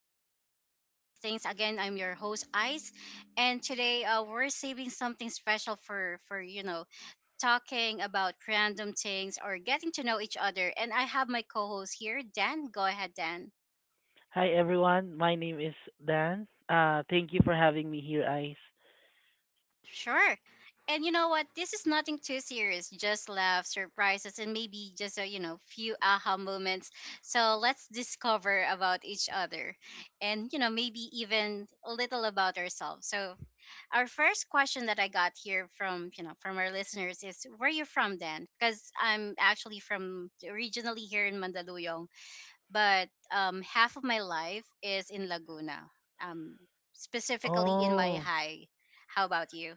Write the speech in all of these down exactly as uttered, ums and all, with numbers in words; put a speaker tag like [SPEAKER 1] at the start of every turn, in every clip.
[SPEAKER 1] here at Just Ice Things. Again, I'm your host, Ice. And today uh, we're saving something special for, for, you know, talking about random things or getting to know each other. And I have my co host here, Dan. Go ahead, Dan.
[SPEAKER 2] Hi everyone, my name is Dan. Uh, thank you for having me here, Ice.
[SPEAKER 1] Sure. And you know what? This is nothing too serious. Just laughs, surprises, and maybe just a you know few aha moments. So let's discover about each other, and you know maybe even a little about ourselves. So our first question that I got here from you know from our listeners is where you from then? Because I'm actually from originally here in Mandaluyong, but um, half of my life is in Laguna, um, specifically in my
[SPEAKER 2] Oh,
[SPEAKER 1] high. How about you?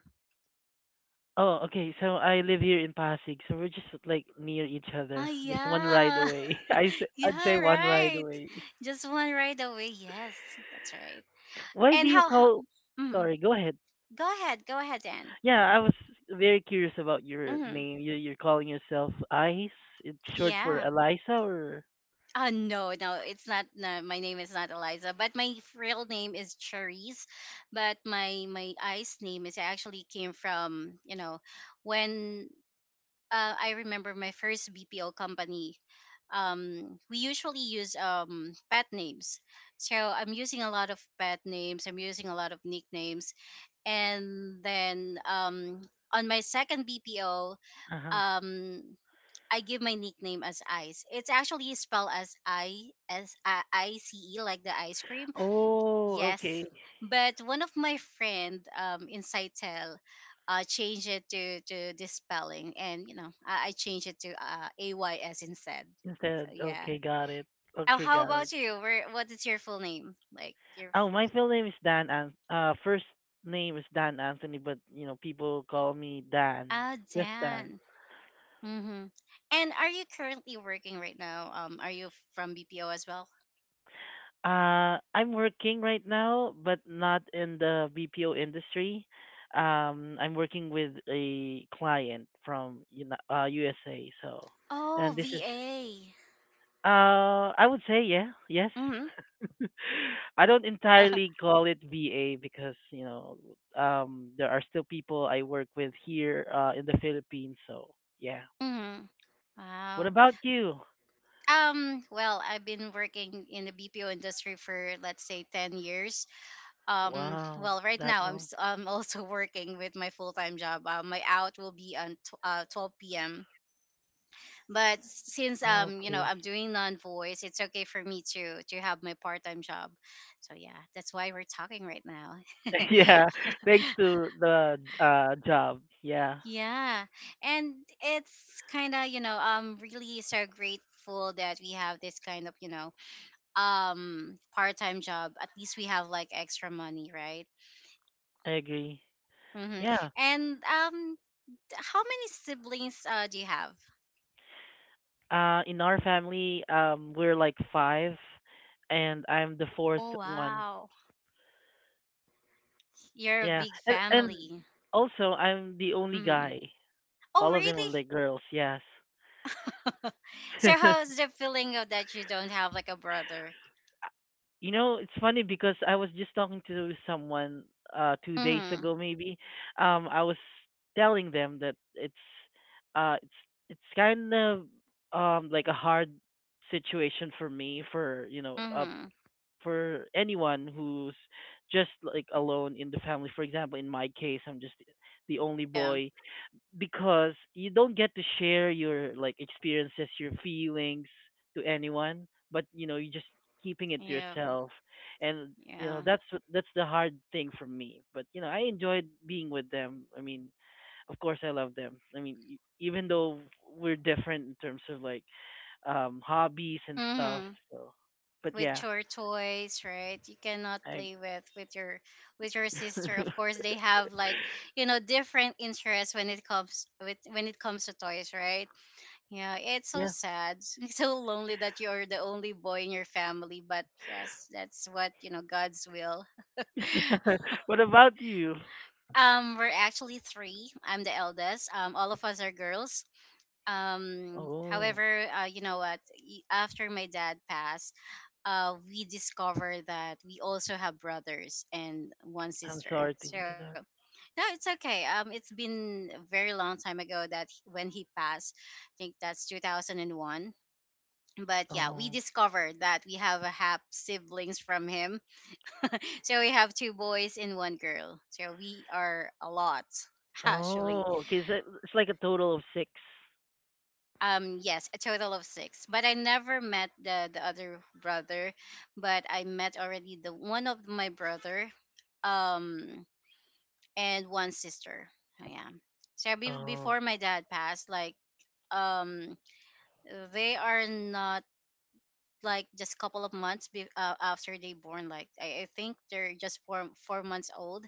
[SPEAKER 2] oh, okay. So I live here in Pasig, so we're just like near each
[SPEAKER 1] Oh,
[SPEAKER 2] other, just one ride
[SPEAKER 1] yeah.
[SPEAKER 2] away. I s- I'd say
[SPEAKER 1] yeah,
[SPEAKER 2] one ride
[SPEAKER 1] right.
[SPEAKER 2] away.
[SPEAKER 1] Just one right away. Yes, that's right.
[SPEAKER 2] Why do
[SPEAKER 1] And
[SPEAKER 2] you
[SPEAKER 1] how? how
[SPEAKER 2] call?
[SPEAKER 1] mm,
[SPEAKER 2] Sorry, go ahead.
[SPEAKER 1] Go ahead, go ahead, Dan.
[SPEAKER 2] Yeah, I was very curious about your
[SPEAKER 1] Hmm.
[SPEAKER 2] name. You you're calling yourself Ice? It's short for
[SPEAKER 1] Yeah.
[SPEAKER 2] Eliza, or?
[SPEAKER 1] Uh, no, no, it's not. No, my name is not Eliza, but my f- real name is Cherise. But my my ice name is actually came from, you know when uh, I remember my first B P O company. Um, we usually use um pet names, so I'm using a lot of pet names. I'm using a lot of nicknames, and then um on my second B P O,
[SPEAKER 2] Uh-huh.
[SPEAKER 1] um I give my nickname as Ice. It's actually spelled as I as I I C E, like the ice cream.
[SPEAKER 2] Oh,
[SPEAKER 1] Yes,
[SPEAKER 2] okay.
[SPEAKER 1] but one of my friend um in Saitel uh changed it to to this spelling, and you know I, I changed it to uh A Y S instead.
[SPEAKER 2] Instead,
[SPEAKER 1] So yeah.
[SPEAKER 2] okay, got it.
[SPEAKER 1] Oh,
[SPEAKER 2] Okay,
[SPEAKER 1] how
[SPEAKER 2] got it.
[SPEAKER 1] about you? Where what is your full name? Like your,
[SPEAKER 2] Oh, my full name is Dan. An- uh, first name is Dan Anthony, but you know people call me Dan,
[SPEAKER 1] ah
[SPEAKER 2] just Dan.
[SPEAKER 1] Dan. Mm-hmm. And are you currently working right now? Um, are you from B P O as well?
[SPEAKER 2] Uh, I'm working right now, but not in the B P O industry. Um, I'm working with a client from you know, uh, U S A. So, and
[SPEAKER 1] Oh,
[SPEAKER 2] this is
[SPEAKER 1] V A.
[SPEAKER 2] Uh, I would say yeah, yes.
[SPEAKER 1] Mm-hmm.
[SPEAKER 2] I don't entirely call it V A because you know um, there are still people I work with here uh, in the Philippines. So yeah.
[SPEAKER 1] Mm-hmm.
[SPEAKER 2] What
[SPEAKER 1] Wow.
[SPEAKER 2] about you?
[SPEAKER 1] Um, well, I've been working in the B P O industry for let's say ten years. Um,
[SPEAKER 2] Wow,
[SPEAKER 1] well, right
[SPEAKER 2] that
[SPEAKER 1] now I'm
[SPEAKER 2] long.
[SPEAKER 1] s- I'm also working with my full-time job. Uh, my out will be on tw- uh, twelve p m. But s- since
[SPEAKER 2] Oh,
[SPEAKER 1] um, you know,
[SPEAKER 2] okay.
[SPEAKER 1] I'm doing non-voice, it's okay for me to to have my part-time job. So yeah, that's why we're talking right now.
[SPEAKER 2] Yeah, thanks to the uh, job. Yeah,
[SPEAKER 1] Yeah. And it's kind of, you know, I'm really so grateful that we have this kind of, you know, um part-time job, at least we have like extra money, right?
[SPEAKER 2] I agree.
[SPEAKER 1] Mm-hmm.
[SPEAKER 2] Yeah.
[SPEAKER 1] And um t- how many siblings uh, do you have?
[SPEAKER 2] Uh, in our family, um, we're like five, and I'm the fourth
[SPEAKER 1] Oh,
[SPEAKER 2] one.
[SPEAKER 1] wow, you're a
[SPEAKER 2] Yeah,
[SPEAKER 1] big
[SPEAKER 2] and and
[SPEAKER 1] family.
[SPEAKER 2] also I'm the only
[SPEAKER 1] Mm.
[SPEAKER 2] guy.
[SPEAKER 1] Oh,
[SPEAKER 2] All of them are
[SPEAKER 1] really?
[SPEAKER 2] like girls. Yes.
[SPEAKER 1] so how's the feeling of that you don't have like a brother?
[SPEAKER 2] You know, it's funny because I was just talking to someone uh two days
[SPEAKER 1] Mm-hmm.
[SPEAKER 2] ago maybe. Um, I was telling them that it's uh it's it's kind of um like a hard situation for me for you know uh
[SPEAKER 1] Mm-hmm.
[SPEAKER 2] for anyone who's just like alone in the family. For example, in my case, I'm just the only
[SPEAKER 1] Yeah,
[SPEAKER 2] boy because you don't get to share your like experiences, your feelings to anyone, but you know, you are just keeping it to
[SPEAKER 1] yeah,
[SPEAKER 2] yourself. And you know,
[SPEAKER 1] yeah.
[SPEAKER 2] that's what- that's the hard thing for me. But you know, I enjoyed being with them. I mean, of course I love them. I mean, e- even though we're different in terms of like um hobbies and stuff.
[SPEAKER 1] Mm-hmm.
[SPEAKER 2] So, but
[SPEAKER 1] With
[SPEAKER 2] yeah,
[SPEAKER 1] your toys, right? You cannot
[SPEAKER 2] I
[SPEAKER 1] play with with your with your sister. Of course, they have like you know different interests when it comes with when it comes to toys, right? Yeah, it's so
[SPEAKER 2] yeah.
[SPEAKER 1] sad. so lonely that you're the only boy in your family, but yes, that's what, you know god's will.
[SPEAKER 2] What about you?
[SPEAKER 1] Um we're actually three. I'm the eldest. Um all of us are girls. Um,
[SPEAKER 2] Oh,
[SPEAKER 1] however, uh, you know what? y- After my dad passed, uh, we discovered that we also have brothers and one
[SPEAKER 2] I'm
[SPEAKER 1] sister.
[SPEAKER 2] sorry to
[SPEAKER 1] So,
[SPEAKER 2] hear
[SPEAKER 1] no, it's okay. Um, it's been a very long time ago that he- when he passed. I think that's two thousand one. But yeah, we
[SPEAKER 2] that.
[SPEAKER 1] discovered that we have a half siblings from him. So we have two boys and one girl. So we are a lot, actually.
[SPEAKER 2] Oh, okay. So it's like a total of six.
[SPEAKER 1] Um, yes, a total of six. But I never met the the other brother, but I met already the one of my brother, um, and one sister. Oh, yeah. So be-
[SPEAKER 2] Oh,
[SPEAKER 1] before my dad passed, like, um, they are not like just a couple of months be- uh, after they born, like I, I think they're just four four months old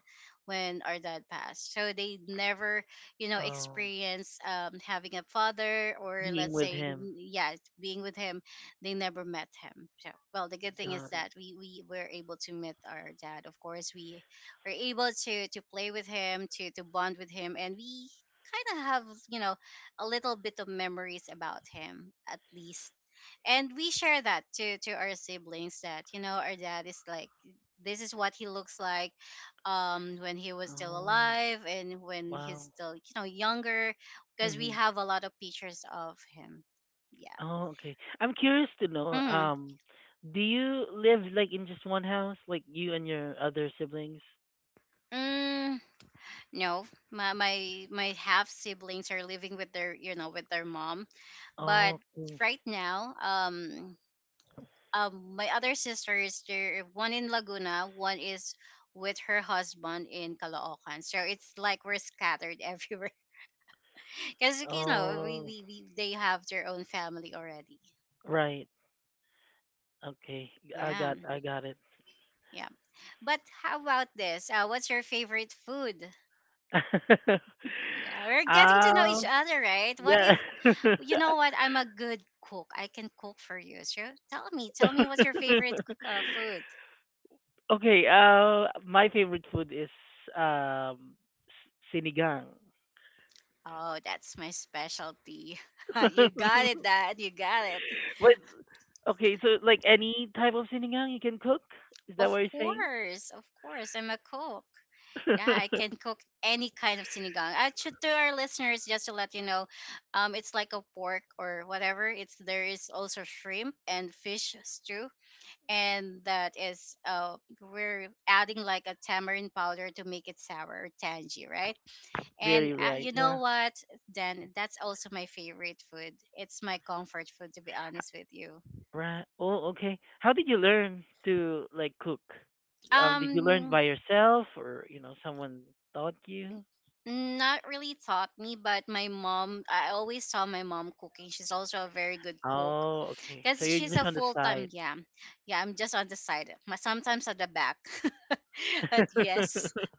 [SPEAKER 1] when our dad passed, so they never you know
[SPEAKER 2] oh,
[SPEAKER 1] experience, um, having a father, or
[SPEAKER 2] being
[SPEAKER 1] let's
[SPEAKER 2] with
[SPEAKER 1] say
[SPEAKER 2] him.
[SPEAKER 1] n- yeah, being with him. They never met him. So well, the good thing is
[SPEAKER 2] Got it.
[SPEAKER 1] that we we were able to meet our dad. Of course we were able to to play with him, to to bond with him, and we kind of have, you know a little bit of memories about him at least. And we share that to to our siblings that, you know our dad is like this is what he looks like um when he was still
[SPEAKER 2] Oh,
[SPEAKER 1] alive, and when he's
[SPEAKER 2] wow.
[SPEAKER 1] still, you know younger, because we
[SPEAKER 2] Mm-hmm.
[SPEAKER 1] have a lot of pictures of him. Yeah.
[SPEAKER 2] Oh, okay. I'm curious to know.
[SPEAKER 1] Mm.
[SPEAKER 2] Um, do you live like in just one house, like you and your other siblings?
[SPEAKER 1] Mm, no, my, my my half siblings are living with their you know with their mom. But
[SPEAKER 2] Oh, okay.
[SPEAKER 1] right now, um um my other sisters, there one in Laguna, one is with her husband in Caloocan. So it's like we're scattered everywhere, because you know we,
[SPEAKER 2] Oh,
[SPEAKER 1] we, we they have their own family already.
[SPEAKER 2] right. Okay. I
[SPEAKER 1] Yeah,
[SPEAKER 2] got. I got it.
[SPEAKER 1] yeah. But how about this, uh, what's your favorite food? Yeah, we're getting to know each
[SPEAKER 2] Um.
[SPEAKER 1] other, right? what
[SPEAKER 2] Yeah.
[SPEAKER 1] if You know what? I'm a good cook, I can cook for you. So tell me tell me what's your favorite uh, food.
[SPEAKER 2] Okay, uh, my favorite food is um s- sinigang.
[SPEAKER 1] Oh, that's my specialty. you got it, Dad. You got it.
[SPEAKER 2] But okay, so like any type of sinigang you can cook? Is that
[SPEAKER 1] Of
[SPEAKER 2] what you're saying?
[SPEAKER 1] course, of course, I'm a cook. Yeah, I can cook any kind of sinigang. I should, to our listeners, just to let you know, um, it's like a pork or whatever. It's there is also shrimp and fish stew, and that is, uh, we're adding like a tamarind powder to make it sour or tangy, right? And
[SPEAKER 2] Very
[SPEAKER 1] uh,
[SPEAKER 2] right.
[SPEAKER 1] you know
[SPEAKER 2] Yeah.
[SPEAKER 1] what? Then that's also my favorite food. It's my comfort food, to be honest with you.
[SPEAKER 2] Right. Oh, okay. How did you learn to like cook? Um, did you learn
[SPEAKER 1] Um,
[SPEAKER 2] by yourself or, you know, someone taught you?
[SPEAKER 1] Mm, not really taught me, but my mom, I always saw my mom cooking. She's also a very good cook
[SPEAKER 2] Oh, okay. So
[SPEAKER 1] because
[SPEAKER 2] you're
[SPEAKER 1] she's a
[SPEAKER 2] just on the
[SPEAKER 1] full time.
[SPEAKER 2] side.
[SPEAKER 1] Yeah, yeah, I'm just on the side, m- sometimes at the back, but yes,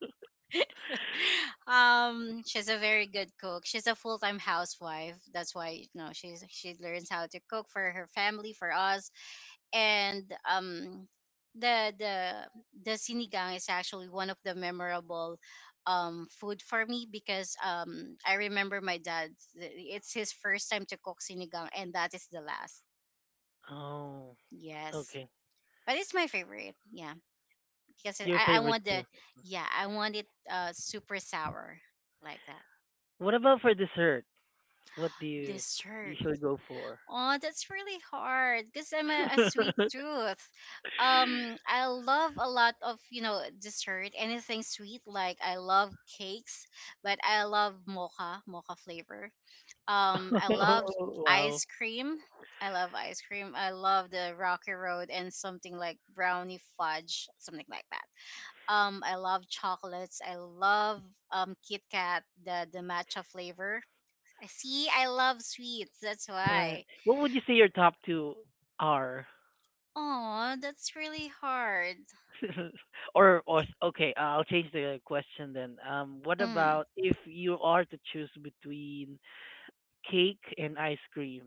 [SPEAKER 1] um, she's a very good cook. She's a full time housewife. That's why, you know she's she learns how to cook for her family, for us, and um the the the sinigang is actually one of the memorable um food for me, because um I remember my dad, it's his first time to cook sinigang, and that is the last.
[SPEAKER 2] Oh,
[SPEAKER 1] Yes.
[SPEAKER 2] okay.
[SPEAKER 1] But it's my favorite. Yeah, because
[SPEAKER 2] Your
[SPEAKER 1] I I
[SPEAKER 2] favorite
[SPEAKER 1] want the
[SPEAKER 2] too.
[SPEAKER 1] yeah I want it uh super sour, like that.
[SPEAKER 2] What about for dessert? What do you
[SPEAKER 1] Dessert.
[SPEAKER 2] usually go for?
[SPEAKER 1] Oh, that's really hard because I'm a, a sweet tooth. Um, I love a lot of, you know dessert, anything sweet. Like I love cakes, but I love mocha, mocha flavor. Um, I love
[SPEAKER 2] Oh, wow.
[SPEAKER 1] ice cream. I love ice cream. I love the rocky road and something like brownie fudge, something like that. Um, I love chocolates. I love um Kit Kat, the the matcha flavor. I see. I love sweets. That's
[SPEAKER 2] Right.
[SPEAKER 1] why.
[SPEAKER 2] What would you say your top two are?
[SPEAKER 1] Oh, that's really hard.
[SPEAKER 2] Or, or okay, uh, I'll change the question then. Um, what
[SPEAKER 1] Hmm.
[SPEAKER 2] about if you are to choose between cake and ice cream,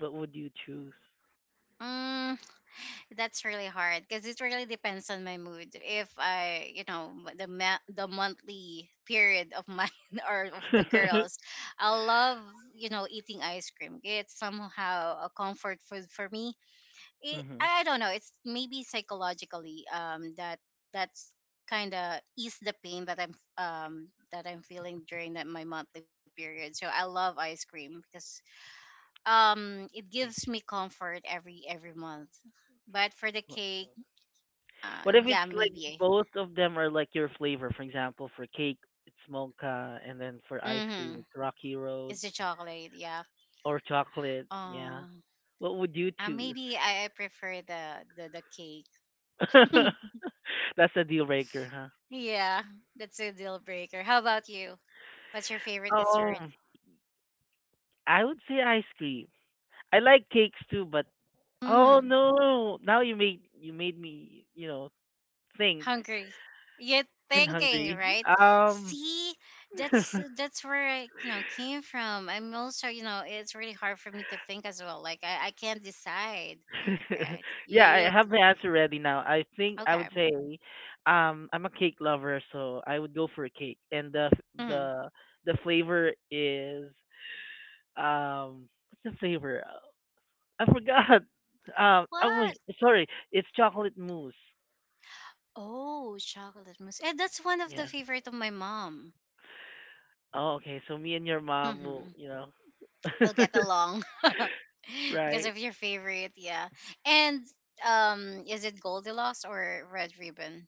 [SPEAKER 2] what would you choose?
[SPEAKER 1] Mm, that's really hard because it really depends on my mood. If I, you know, m- the ma- the monthly period of mine, or of the girls, I love, you know, eating ice cream. It's somehow a comfort food for me. It,
[SPEAKER 2] Hmm.
[SPEAKER 1] I don't know. It's maybe psychologically, um that that's kind of ease the pain that I'm, um that I'm feeling during that my monthly period. So I love ice cream because um it gives me comfort every every month. But for the cake, uh
[SPEAKER 2] What if it's
[SPEAKER 1] yeah,
[SPEAKER 2] like
[SPEAKER 1] maybe.
[SPEAKER 2] both of them are like your flavor? For example, for cake, it's mocha, and then for ice cream,
[SPEAKER 1] Mm-hmm.
[SPEAKER 2] it's Rocky Road.
[SPEAKER 1] It's the chocolate, yeah.
[SPEAKER 2] Or chocolate, yeah.
[SPEAKER 1] um
[SPEAKER 2] What would you
[SPEAKER 1] uh,
[SPEAKER 2] choose?
[SPEAKER 1] Maybe I, I prefer the the, the cake.
[SPEAKER 2] That's a deal breaker, huh?
[SPEAKER 1] yeah, that's a deal breaker. How about you? What's your favorite
[SPEAKER 2] Oh,
[SPEAKER 1] dessert?
[SPEAKER 2] I would say ice cream. I like cakes too, but oh
[SPEAKER 1] Mm-hmm.
[SPEAKER 2] no, now you made you made me, you know, think
[SPEAKER 1] Hungry, yet
[SPEAKER 2] and
[SPEAKER 1] thinking,
[SPEAKER 2] hungry.
[SPEAKER 1] right?
[SPEAKER 2] Um,
[SPEAKER 1] See, that's that's where I, you know came from. I'm also, you know it's really hard for me to think as well, like i, I can't decide, right? you,
[SPEAKER 2] yeah,
[SPEAKER 1] you'll
[SPEAKER 2] I have my answer ready now. I think I would
[SPEAKER 1] Okay.
[SPEAKER 2] say, um, I'm a cake lover, so I would go for a cake, and the f-
[SPEAKER 1] Hmm.
[SPEAKER 2] the the flavor is um, what's the flavor? I forgot. Um, oh wait,
[SPEAKER 1] What?
[SPEAKER 2] sorry, it's chocolate mousse.
[SPEAKER 1] Oh, chocolate mousse. And that's one of the
[SPEAKER 2] Yeah.
[SPEAKER 1] favorite of my mom.
[SPEAKER 2] Oh, okay. So me and your mom will,
[SPEAKER 1] Mm-hmm.
[SPEAKER 2] you know,
[SPEAKER 1] We'll get along, because
[SPEAKER 2] right?
[SPEAKER 1] of your favorite. Yeah. And um is it Goldilocks or Red Ribbon?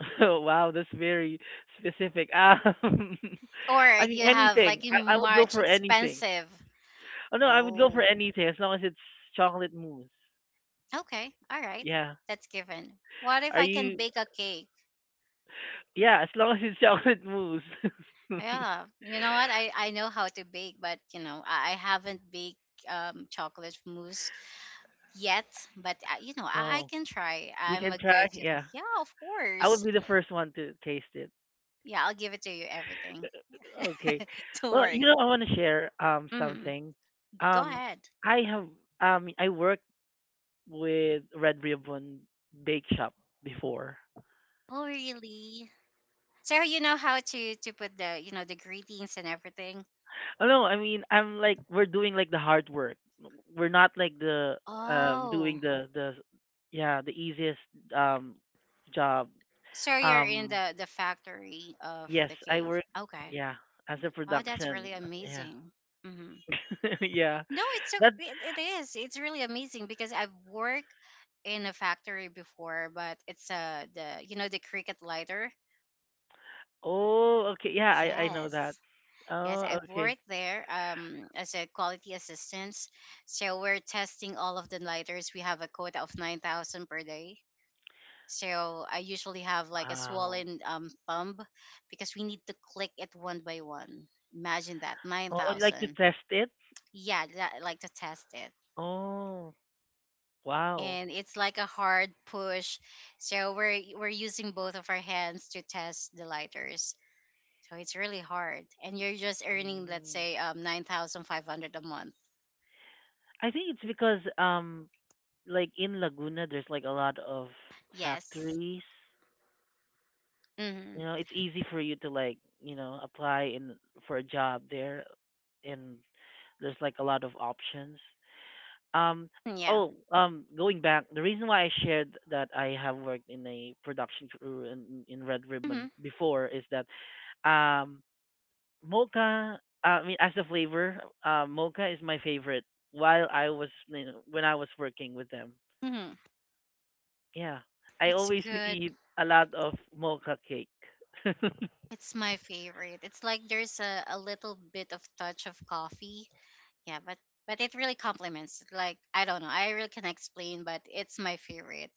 [SPEAKER 2] Oh, wow, that's very specific. Um,
[SPEAKER 1] Or
[SPEAKER 2] I mean
[SPEAKER 1] you have
[SPEAKER 2] anything.
[SPEAKER 1] like in
[SPEAKER 2] I, I would go
[SPEAKER 1] March
[SPEAKER 2] for anything.
[SPEAKER 1] expensive.
[SPEAKER 2] Oh no, I would go for
[SPEAKER 1] Oh,
[SPEAKER 2] anything as long as it's chocolate mousse.
[SPEAKER 1] okay. All right.
[SPEAKER 2] Yeah.
[SPEAKER 1] That's given. What if
[SPEAKER 2] Are
[SPEAKER 1] I can
[SPEAKER 2] you?
[SPEAKER 1] bake a cake?
[SPEAKER 2] Yeah, as long as it's chocolate mousse.
[SPEAKER 1] Yeah. You know what? I, I know how to bake, but, you know, I, I haven't baked, um, chocolate mousse yet. But, uh, you know, I, I
[SPEAKER 2] No,
[SPEAKER 1] can try.
[SPEAKER 2] you
[SPEAKER 1] I'm
[SPEAKER 2] can
[SPEAKER 1] a
[SPEAKER 2] try.
[SPEAKER 1] good, you know,
[SPEAKER 2] Yeah,
[SPEAKER 1] yeah, of
[SPEAKER 2] I would
[SPEAKER 1] course.
[SPEAKER 2] be the first one to taste it.
[SPEAKER 1] Yeah, I'll give it to you everything.
[SPEAKER 2] Okay.
[SPEAKER 1] Don't
[SPEAKER 2] Well, you
[SPEAKER 1] worry.
[SPEAKER 2] know, I want to share um
[SPEAKER 1] Hmm.
[SPEAKER 2] something.
[SPEAKER 1] Go
[SPEAKER 2] Um,
[SPEAKER 1] ahead.
[SPEAKER 2] I have um I worked with Red Ribbon Bake Shop before.
[SPEAKER 1] Oh, really? So you know how to, to put the, you know, the greetings and everything?
[SPEAKER 2] Oh no, I mean I'm like we're doing like the hard work. We're not like the um doing
[SPEAKER 1] Oh.
[SPEAKER 2] the the yeah the easiest um job.
[SPEAKER 1] So you're in
[SPEAKER 2] Um,
[SPEAKER 1] the the factory of
[SPEAKER 2] yes,
[SPEAKER 1] the
[SPEAKER 2] I
[SPEAKER 1] cake.
[SPEAKER 2] work,
[SPEAKER 1] Okay.
[SPEAKER 2] yeah, as a
[SPEAKER 1] Wow, that's
[SPEAKER 2] production,
[SPEAKER 1] really
[SPEAKER 2] yeah.
[SPEAKER 1] amazing. Hmm.
[SPEAKER 2] Yeah,
[SPEAKER 1] No, it's okay.
[SPEAKER 2] that.
[SPEAKER 1] It, it is. It's really amazing because I've worked in a factory before, but it's uh the you know the cricket lighter.
[SPEAKER 2] Oh, okay, yeah, I I know that.
[SPEAKER 1] Yes. Yes,
[SPEAKER 2] Oh,
[SPEAKER 1] I've
[SPEAKER 2] okay.
[SPEAKER 1] worked there, um, as a quality assistant. So we're testing all of the lighters. We have a quota of nine thousand per day. So I usually have like a
[SPEAKER 2] Wow.
[SPEAKER 1] swollen um thumb, because we need to click it one by one. Imagine that,
[SPEAKER 2] Oh, I'd like to
[SPEAKER 1] nine thousand.
[SPEAKER 2] test it.
[SPEAKER 1] Yeah, that, like to test it.
[SPEAKER 2] Oh, wow.
[SPEAKER 1] And it's like a hard push. So we're we're using both of our hands to test the lighters. So it's really hard. And you're just earning, let's
[SPEAKER 2] Mm.
[SPEAKER 1] say, um nine thousand five hundred a month.
[SPEAKER 2] I think it's because um like in Laguna there's like a lot of
[SPEAKER 1] Yes.
[SPEAKER 2] factories. You
[SPEAKER 1] Mhm.
[SPEAKER 2] know, it's easy for you to like, you know, apply in for a job there and there's like a lot of options. Um
[SPEAKER 1] Yeah.
[SPEAKER 2] oh, um Going back, the reason why I shared that I have worked in a production crew in, in Red
[SPEAKER 1] Mhm.
[SPEAKER 2] Ribbon before is that um mocha, uh, I mean as a flavor, uh mocha is my favorite while I was, you know, when I was working with them,
[SPEAKER 1] Mhm.
[SPEAKER 2] yeah, I
[SPEAKER 1] It's
[SPEAKER 2] always
[SPEAKER 1] good.
[SPEAKER 2] eat a lot of mocha cake.
[SPEAKER 1] It's my favorite. It's like there's a, a little bit of touch of coffee. Yeah, but but it really complements. Like, I don't know, I really can not explain, but it's my favorite.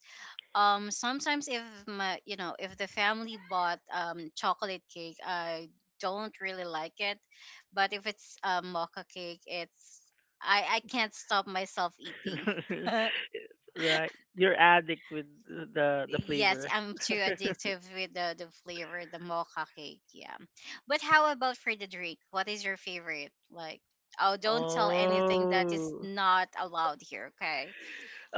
[SPEAKER 1] Um, sometimes if my, you know, if the family bought um chocolate cake, I don't really like it, but if it's a mocha cake, it's I I can't stop myself eating.
[SPEAKER 2] Right, you're addict with the the
[SPEAKER 1] Yes,
[SPEAKER 2] flavor.
[SPEAKER 1] I'm too addictive with the the flavor, the mocha cake. Yeah, but how about for the drink? What is your favorite? Like. Oh, don't tell anything that is
[SPEAKER 2] Oh,
[SPEAKER 1] not allowed here, okay?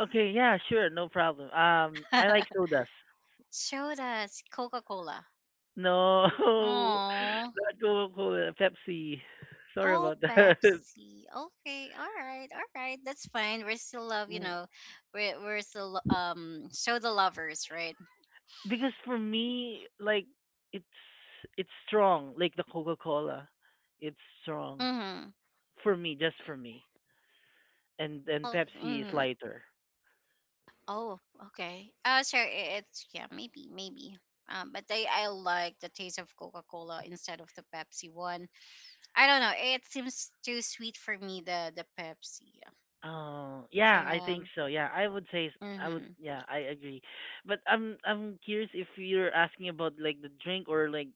[SPEAKER 2] okay, yeah, sure, no problem. um I like sodas.
[SPEAKER 1] Showed us Coca Cola.
[SPEAKER 2] No,
[SPEAKER 1] Oh.
[SPEAKER 2] not coca-cola, pepsi. Sorry
[SPEAKER 1] Oh,
[SPEAKER 2] about that.
[SPEAKER 1] Pepsi. Okay, all right, all right. That's fine. We're still love, you know. We're we're still um show the lovers, right?
[SPEAKER 2] Because for me like it's it's strong like the coca-cola, it's strong
[SPEAKER 1] Mm-hmm.
[SPEAKER 2] for me, just for me. And and
[SPEAKER 1] Oh,
[SPEAKER 2] pepsi is
[SPEAKER 1] mm-hmm.
[SPEAKER 2] lighter.
[SPEAKER 1] Oh, okay. Uh, sure. i- It's, yeah, maybe, maybe. Um, but I I like the taste of Coca Cola instead of the Pepsi one. I don't know. It seems too sweet for me. The the Pepsi.
[SPEAKER 2] Oh yeah, I
[SPEAKER 1] Yeah.
[SPEAKER 2] think so, yeah. i would say s- I would,
[SPEAKER 1] Mm-hmm.
[SPEAKER 2] yeah, I agree. But i'm i'm curious if you're asking about like the drink or like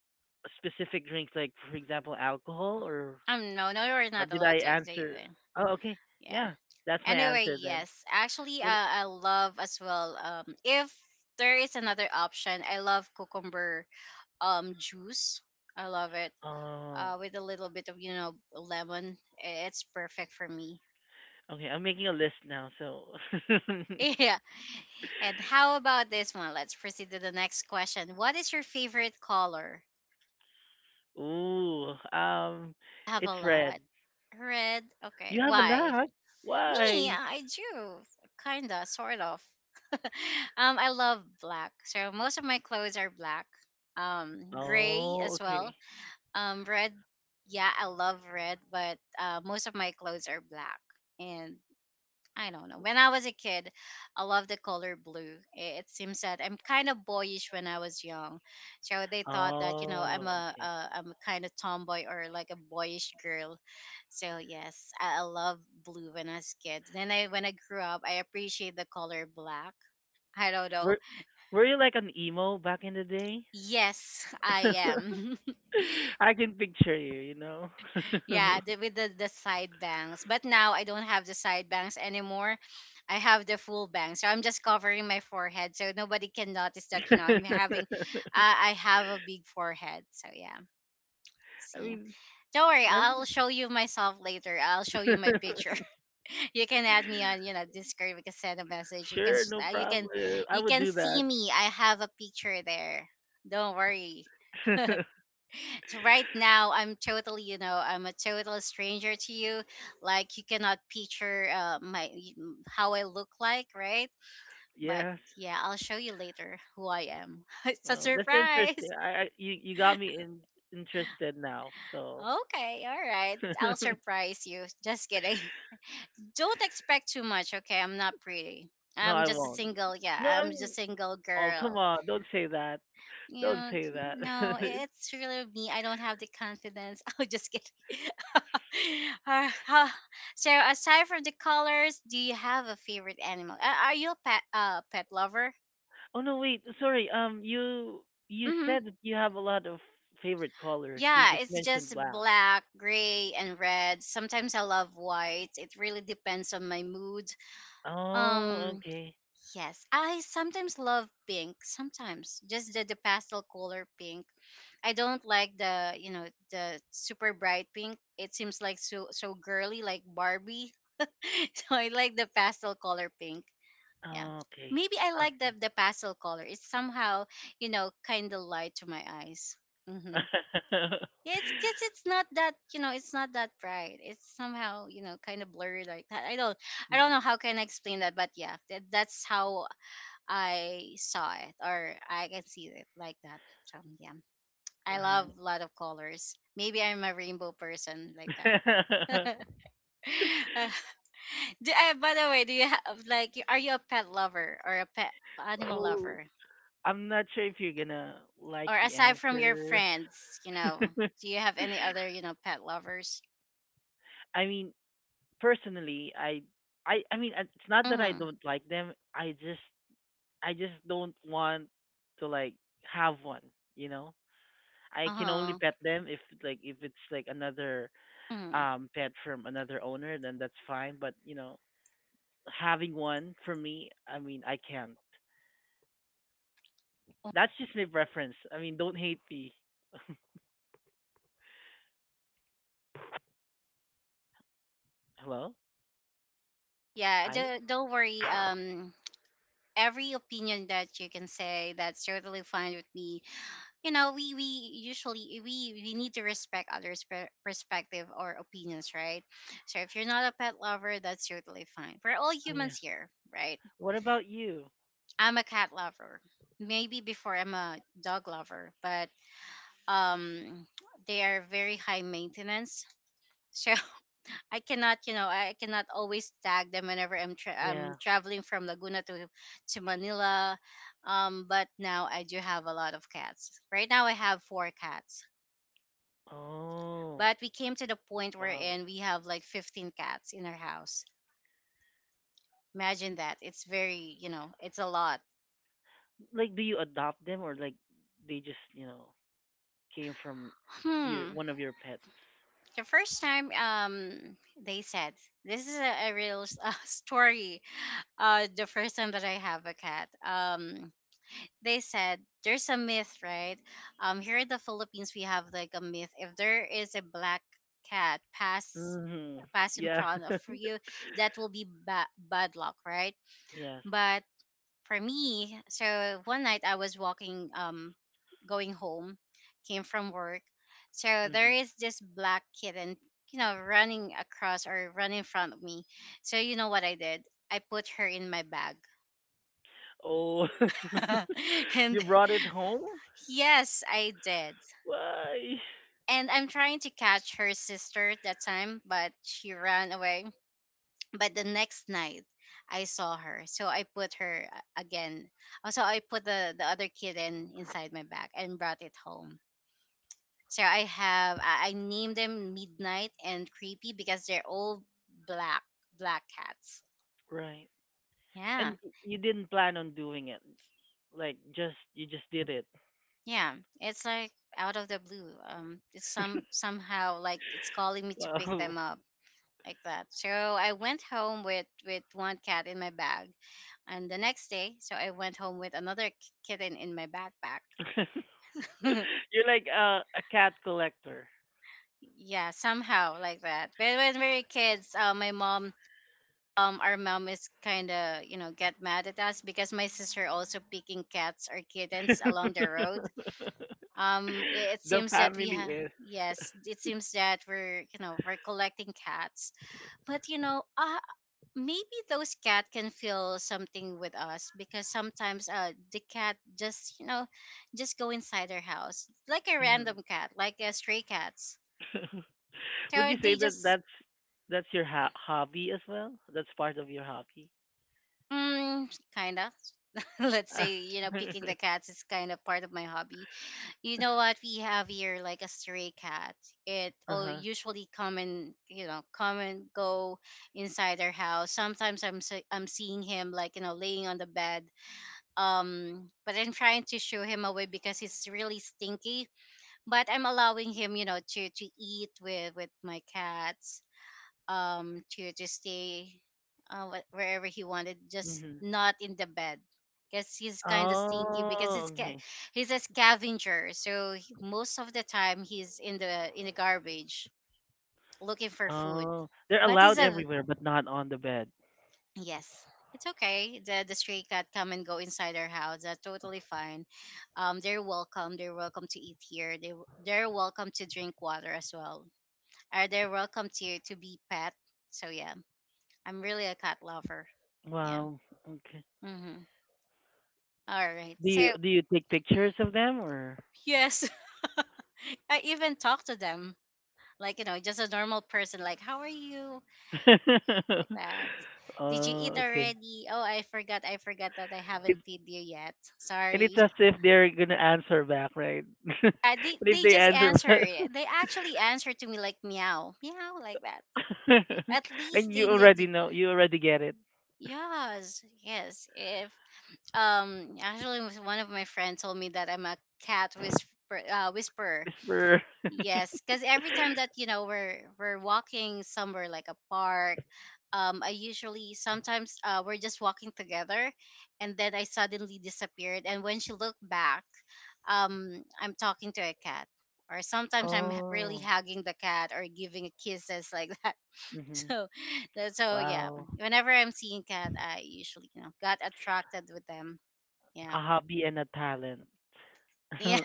[SPEAKER 2] specific drinks like for example alcohol, or,
[SPEAKER 1] Um. No. No. We're
[SPEAKER 2] or
[SPEAKER 1] not
[SPEAKER 2] did I
[SPEAKER 1] allowed to say
[SPEAKER 2] answer?
[SPEAKER 1] that.
[SPEAKER 2] Oh, okay,
[SPEAKER 1] Yeah.
[SPEAKER 2] yeah, that's my
[SPEAKER 1] Anyway,
[SPEAKER 2] answer then.
[SPEAKER 1] yes. Actually,
[SPEAKER 2] What?
[SPEAKER 1] uh, I love as well. Um, if there is another option, I love cucumber um juice. I love it.
[SPEAKER 2] Oh,
[SPEAKER 1] Uh, with a little bit of, you know, lemon, I- it's perfect for me.
[SPEAKER 2] okay, I'm making a list now, so.
[SPEAKER 1] Yeah. And how about this one? Let's proceed to the next question. What is your favorite color?
[SPEAKER 2] Ooh, um,
[SPEAKER 1] I have
[SPEAKER 2] it's
[SPEAKER 1] a
[SPEAKER 2] red.
[SPEAKER 1] lot. Red. Okay.
[SPEAKER 2] You have a
[SPEAKER 1] Why?
[SPEAKER 2] lot.
[SPEAKER 1] Me,
[SPEAKER 2] Why?
[SPEAKER 1] I do. Kinda, sort of. um, I love black. So most of my clothes are black. Um, gray
[SPEAKER 2] Oh,
[SPEAKER 1] as well.
[SPEAKER 2] okay.
[SPEAKER 1] Um, red. Yeah, I love red, but uh, most of my clothes are black. And I don't know. When I was a kid, I loved the color blue. I- It seems that I'm kind of boyish when I was young, so they thought that, you know, I'm
[SPEAKER 2] Oh,
[SPEAKER 1] a
[SPEAKER 2] okay.
[SPEAKER 1] uh, I'm a kind of tomboy or like a boyish girl. So yes, I, I love blue when I was a kid. Then I when I grew up, I appreciate the color black. I don't know.
[SPEAKER 2] Were Were you like an emo back in the day?
[SPEAKER 1] Yes, I am.
[SPEAKER 2] I can picture you. You know.
[SPEAKER 1] Yeah, the, with the, the side bangs. But now I don't have the side bangs anymore. I have the full bangs. So I'm just covering my forehead so nobody can notice that, you know, I'm having, uh, I have a big forehead. So yeah,
[SPEAKER 2] I
[SPEAKER 1] see.
[SPEAKER 2] mean,
[SPEAKER 1] Don't worry,
[SPEAKER 2] that's
[SPEAKER 1] I'll show you myself later. I'll show you my picture. You can add me on, you know, Discord. You can send a message. You can,
[SPEAKER 2] sure,
[SPEAKER 1] s-
[SPEAKER 2] no
[SPEAKER 1] uh, you
[SPEAKER 2] problem.
[SPEAKER 1] can,
[SPEAKER 2] I
[SPEAKER 1] you
[SPEAKER 2] would
[SPEAKER 1] can
[SPEAKER 2] do
[SPEAKER 1] see
[SPEAKER 2] that.
[SPEAKER 1] me. I have a picture there. Don't worry. So right now I'm totally, you know, I'm a total stranger to you. Like you cannot picture uh, my how I look like, right? But
[SPEAKER 2] Yes.
[SPEAKER 1] yeah, I'll show you later who I am. It's a
[SPEAKER 2] Well, that's interesting.
[SPEAKER 1] surprise.
[SPEAKER 2] I, I you you got me in, interested now. So.
[SPEAKER 1] Okay, all right. I'll surprise you. Just kidding. Don't expect too much, okay? I'm not pretty.
[SPEAKER 2] No,
[SPEAKER 1] I'm
[SPEAKER 2] I
[SPEAKER 1] just a
[SPEAKER 2] won't.
[SPEAKER 1] single, yeah,
[SPEAKER 2] No, I
[SPEAKER 1] I'm just a
[SPEAKER 2] mean,
[SPEAKER 1] single
[SPEAKER 2] oh come
[SPEAKER 1] girl.
[SPEAKER 2] on, don't say that. Don't
[SPEAKER 1] Yeah,
[SPEAKER 2] say
[SPEAKER 1] t-
[SPEAKER 2] that.
[SPEAKER 1] no, it's really me. I don't have the confidence. Oh, just kidding. Uh, huh. So, aside from the colors, do you have a favorite animal? Uh, are you a pet, uh, pet lover?
[SPEAKER 2] Oh no, wait, sorry. Um, you you
[SPEAKER 1] Hmm.
[SPEAKER 2] said that you have a lot of favorite colors. You
[SPEAKER 1] Yeah,
[SPEAKER 2] just
[SPEAKER 1] it's
[SPEAKER 2] mentioned
[SPEAKER 1] just
[SPEAKER 2] black.
[SPEAKER 1] black, gray, and red. Sometimes I love white. It really depends on my mood.
[SPEAKER 2] Oh,
[SPEAKER 1] Um,
[SPEAKER 2] okay.
[SPEAKER 1] yes, I sometimes love pink. Sometimes just the, the pastel color pink. I don't like the, you know, the super bright pink. It seems like so so girly like Barbie. So I like the pastel color pink. Yeah.
[SPEAKER 2] Oh, okay.
[SPEAKER 1] Maybe I like the the pastel color. It's somehow, you know, kind of light to my eyes. Mhm.
[SPEAKER 2] Okay.
[SPEAKER 1] Yeah, it's cuz it's not that, you know, it's not that bright. It's somehow, you know, kind of blurry like that. I don't I don't
[SPEAKER 2] Mhm.
[SPEAKER 1] know how can I explain that, but yeah, that, that's how I saw it or I can see it like that. So, yeah. I love
[SPEAKER 2] Right.
[SPEAKER 1] a lot of colors. Maybe I'm a rainbow person like that. Uh, do, uh, by the way, do you have like y- are you a pet lover or a pet animal
[SPEAKER 2] Oh,
[SPEAKER 1] lover?
[SPEAKER 2] I'm not sure if you're gonna like
[SPEAKER 1] Or
[SPEAKER 2] the
[SPEAKER 1] aside from your
[SPEAKER 2] answer.
[SPEAKER 1] friends, you know, do you have any other, you know, pet lovers?
[SPEAKER 2] I mean, personally i i i mean, uh, it's not that I
[SPEAKER 1] Mm-hmm.
[SPEAKER 2] don't like them. I just i just don't want to like have one, you know. I can only
[SPEAKER 1] Uh-huh.
[SPEAKER 2] pet them if like if it's like another
[SPEAKER 1] Mm.
[SPEAKER 2] um pet from another owner, then that's fine. But you know having one for me, I mean, I can't. That's just my preference. I mean, don't hate me. Hello,
[SPEAKER 1] Yeah,
[SPEAKER 2] I.
[SPEAKER 1] don't, don't worry. Um every opinion that you can say, that's totally fine with me. You know, we we usually we we need to respect others per- perspective or opinions, right? So if you're not a pet lover, that's totally fine. We're all
[SPEAKER 2] Oh yeah.
[SPEAKER 1] humans here, right?
[SPEAKER 2] What about you?
[SPEAKER 1] I'm a cat lover. Maybe before I'm a dog lover, but um they are very high maintenance, so I cannot, you know, I cannot always tag them whenever i'm, tra- I'm
[SPEAKER 2] Yeah.
[SPEAKER 1] traveling from Laguna to to Manila. Um, but now I do have a lot of cats. Right now I have four cats.
[SPEAKER 2] Oh
[SPEAKER 1] But we came to the point
[SPEAKER 2] wow.
[SPEAKER 1] wherein we have like fifteen cats in our house. Imagine that. It's very, you know, it's a lot.
[SPEAKER 2] Like, do you adopt them or like they just, you know came from your
[SPEAKER 1] Hmm.
[SPEAKER 2] one of your pets?
[SPEAKER 1] The first time um they said this is a, a real s- uh, story. Uh the first time that I have a cat. Um, they said there's a myth, right? Um, here in the Philippines we have like a myth if there is a black cat pass
[SPEAKER 2] Mhm.
[SPEAKER 1] pass in
[SPEAKER 2] Yeah.
[SPEAKER 1] front of you, that will be ba- bad luck, right?
[SPEAKER 2] Yes.
[SPEAKER 1] But for me, so one night I was walking, um, going home, came from work. So there
[SPEAKER 2] Mhm.
[SPEAKER 1] is this black kitten, you know, running across or running in front of me. So you know what I did? I put her in my bag.
[SPEAKER 2] Oh, you
[SPEAKER 1] And
[SPEAKER 2] brought it home?
[SPEAKER 1] yes, I did.
[SPEAKER 2] Why?
[SPEAKER 1] And I'm trying to catch her sister at that time, but she ran away. But the next night, I saw her. So I put her, uh, again. Also, I put the, the other kitten inside my bag and brought it home. So I have, I I named them Midnight and Creepy because they're all black, black cats.
[SPEAKER 2] Right.
[SPEAKER 1] Yeah.
[SPEAKER 2] And y- you didn't plan on doing it. Like just you just did it.
[SPEAKER 1] Yeah. It's like out of the blue. Um, it's some, somehow like it's calling me to pick them
[SPEAKER 2] Wow.
[SPEAKER 1] up like that. So I went home with, with one cat in my bag. And the next day, so I went home with another k- kitten in my backpack.
[SPEAKER 2] You're like a a cat collector.
[SPEAKER 1] Yeah, somehow like that. But when we were kids, uh, my mom, um, our mom is kind of, you know, get mad at us because my sister also picking cats or kittens along the road. Um, it, it
[SPEAKER 2] The
[SPEAKER 1] seems that we
[SPEAKER 2] family
[SPEAKER 1] have. Yes, it seems that we're, you know, we're collecting cats, but you know, uh, maybe those cat can feel something with us, because sometimes uh the cat just, you know, just go inside our house like a
[SPEAKER 2] is.
[SPEAKER 1] random cat, like a stray cats.
[SPEAKER 2] Would
[SPEAKER 1] So
[SPEAKER 2] you say
[SPEAKER 1] they
[SPEAKER 2] that
[SPEAKER 1] just
[SPEAKER 2] that's that's your ho- hobby as well? That's part of your hobby.
[SPEAKER 1] Mm, kind of. Let's say, you know, picking the cats is kind of part of my hobby. You know what? We have here like a stray cat. It
[SPEAKER 2] Uh
[SPEAKER 1] will
[SPEAKER 2] huh.
[SPEAKER 1] usually come and, you know, come and go inside our house. Sometimes I'm se- I'm seeing him like, you know, laying on the bed. Um, but I'm trying to shoo him away because he's really stinky. But I'm allowing him, you know, to to eat with with my cats, um to to stay uh, wh- wherever he wanted, just
[SPEAKER 2] Hmm.
[SPEAKER 1] not in the bed because he's kind of stinky because
[SPEAKER 2] Oh,
[SPEAKER 1] he's ca-
[SPEAKER 2] okay.
[SPEAKER 1] he's a scavenger, so he, most of the time he's in the in the garbage looking for food.
[SPEAKER 2] Oh, they're
[SPEAKER 1] But he's
[SPEAKER 2] allowed
[SPEAKER 1] a
[SPEAKER 2] everywhere, but not on the bed.
[SPEAKER 1] yes, it's okay, the the stray cat come and go inside our house. That's totally fine. Um, they're welcome, they're welcome to eat here, they they're welcome to drink water as well, are they welcome to to be pet. So yeah, I'm really a cat lover. Yeah.
[SPEAKER 2] Wow. Okay.
[SPEAKER 1] Mm-hmm. All right.
[SPEAKER 2] Do you
[SPEAKER 1] So,
[SPEAKER 2] do you take pictures of them, or?
[SPEAKER 1] yes, I even talk to them like, you know, just a normal person, like, how are you? Like that. Did you eat
[SPEAKER 2] Oh, okay.
[SPEAKER 1] already? Oh, I forgot. I forgot that I haven't
[SPEAKER 2] It,
[SPEAKER 1] feed you yet.
[SPEAKER 2] and it's
[SPEAKER 1] Sorry.
[SPEAKER 2] as if they're gonna answer back, right? And
[SPEAKER 1] Uh, they,
[SPEAKER 2] if
[SPEAKER 1] they
[SPEAKER 2] they
[SPEAKER 1] just
[SPEAKER 2] answer
[SPEAKER 1] answer
[SPEAKER 2] back,
[SPEAKER 1] it. They actually answer to me like meow, meow, like that. At
[SPEAKER 2] and
[SPEAKER 1] least they
[SPEAKER 2] you already
[SPEAKER 1] did.
[SPEAKER 2] know, you already get it.
[SPEAKER 1] Yes, yes. If um, actually, one of my friends told me that I'm a cat whisper, uh, whisperer.
[SPEAKER 2] Whisperer.
[SPEAKER 1] Yes, because every time that, you know, we're we're walking somewhere like a park, um, I usually sometimes uh, we're just walking together, and then I suddenly disappeared. And when she looked back, um, I'm talking to a cat, or sometimes I'm h- really
[SPEAKER 2] Oh.
[SPEAKER 1] hugging the cat or giving kisses like that.
[SPEAKER 2] Hmm.
[SPEAKER 1] So, that- so yeah,
[SPEAKER 2] Wow.
[SPEAKER 1] whenever I'm seeing cat, I usually you know got attracted with them. Yeah.
[SPEAKER 2] A hobby and a talent.
[SPEAKER 1] Yeah.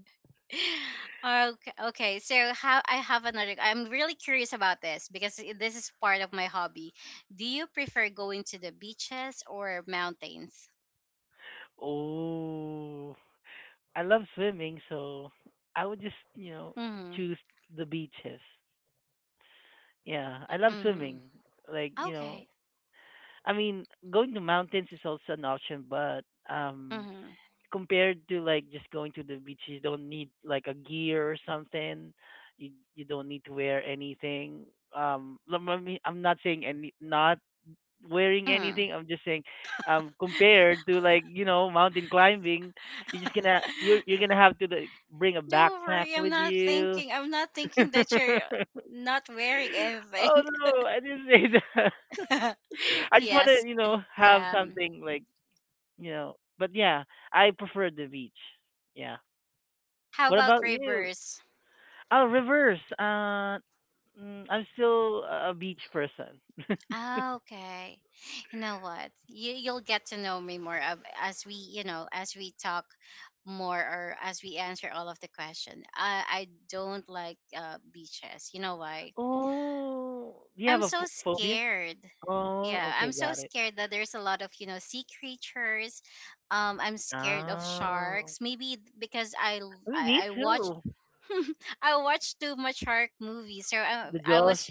[SPEAKER 1] Okay, okay. So how I have another I'm really curious about this because i- this is part of my hobby. Do you prefer going to the beaches or mountains?
[SPEAKER 2] Oh. I love swimming, so I would just, you know,
[SPEAKER 1] Mhm.
[SPEAKER 2] choose the beaches. Yeah, I love
[SPEAKER 1] Mhm.
[SPEAKER 2] swimming. Like, you
[SPEAKER 1] Okay.
[SPEAKER 2] know, I mean, going to mountains is also an option, but um
[SPEAKER 1] Mhm.
[SPEAKER 2] compared to like just going to the beach you don't need like a gear or something. You you don't need to wear anything. um lem- I mean, I'm not saying any not wearing
[SPEAKER 1] Mhm.
[SPEAKER 2] anything, I'm just saying um compared to like you know mountain climbing, you're just gonna you're you're gonna have to like, bring a
[SPEAKER 1] Don't
[SPEAKER 2] backpack
[SPEAKER 1] worry, I'm
[SPEAKER 2] with
[SPEAKER 1] not
[SPEAKER 2] you.
[SPEAKER 1] thinking. I'm not thinking that you're not wearing
[SPEAKER 2] Oh
[SPEAKER 1] anything.
[SPEAKER 2] no, I didn't say that. I just want
[SPEAKER 1] Yes.
[SPEAKER 2] to, you know have
[SPEAKER 1] Yeah.
[SPEAKER 2] something like, you know but yeah, I prefer the beach, yeah.
[SPEAKER 1] How
[SPEAKER 2] What
[SPEAKER 1] about
[SPEAKER 2] about you?
[SPEAKER 1] rivers?
[SPEAKER 2] Oh, reverse. Uh, mm, I'm still a beach person.
[SPEAKER 1] Ah, okay. You know what? You you'll get to know me more of as we, you know, as we talk more or as we answer all of the question. I I don't like uh beaches. You know why?
[SPEAKER 2] Oh, do you
[SPEAKER 1] I'm
[SPEAKER 2] have a
[SPEAKER 1] so
[SPEAKER 2] ph- phobia?
[SPEAKER 1] scared.
[SPEAKER 2] Oh,
[SPEAKER 1] Yeah, I'm
[SPEAKER 2] okay,
[SPEAKER 1] so
[SPEAKER 2] got it.
[SPEAKER 1] scared that there's a lot of, you know, sea creatures. Um I'm scared of
[SPEAKER 2] Oh,
[SPEAKER 1] sharks. Maybe because I l-
[SPEAKER 2] I mean, me
[SPEAKER 1] I, I watch.
[SPEAKER 2] too.
[SPEAKER 1] I watched too much shark movies. So I,
[SPEAKER 2] The
[SPEAKER 1] I
[SPEAKER 2] jaws.
[SPEAKER 1] was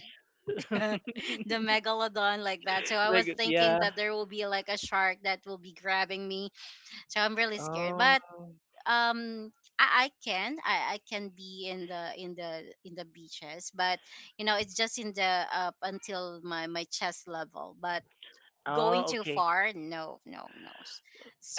[SPEAKER 1] the megalodon like that. So I was
[SPEAKER 2] Like,
[SPEAKER 1] thinking
[SPEAKER 2] yeah.
[SPEAKER 1] that there will be like a shark that will be grabbing me. So I'm really scared.
[SPEAKER 2] Oh,
[SPEAKER 1] But um I, I can I, I can be in the in the in the beaches, but you know it's just in the up until my my chest level. But going
[SPEAKER 2] oh,
[SPEAKER 1] too
[SPEAKER 2] okay.
[SPEAKER 1] far, no, no, no. S-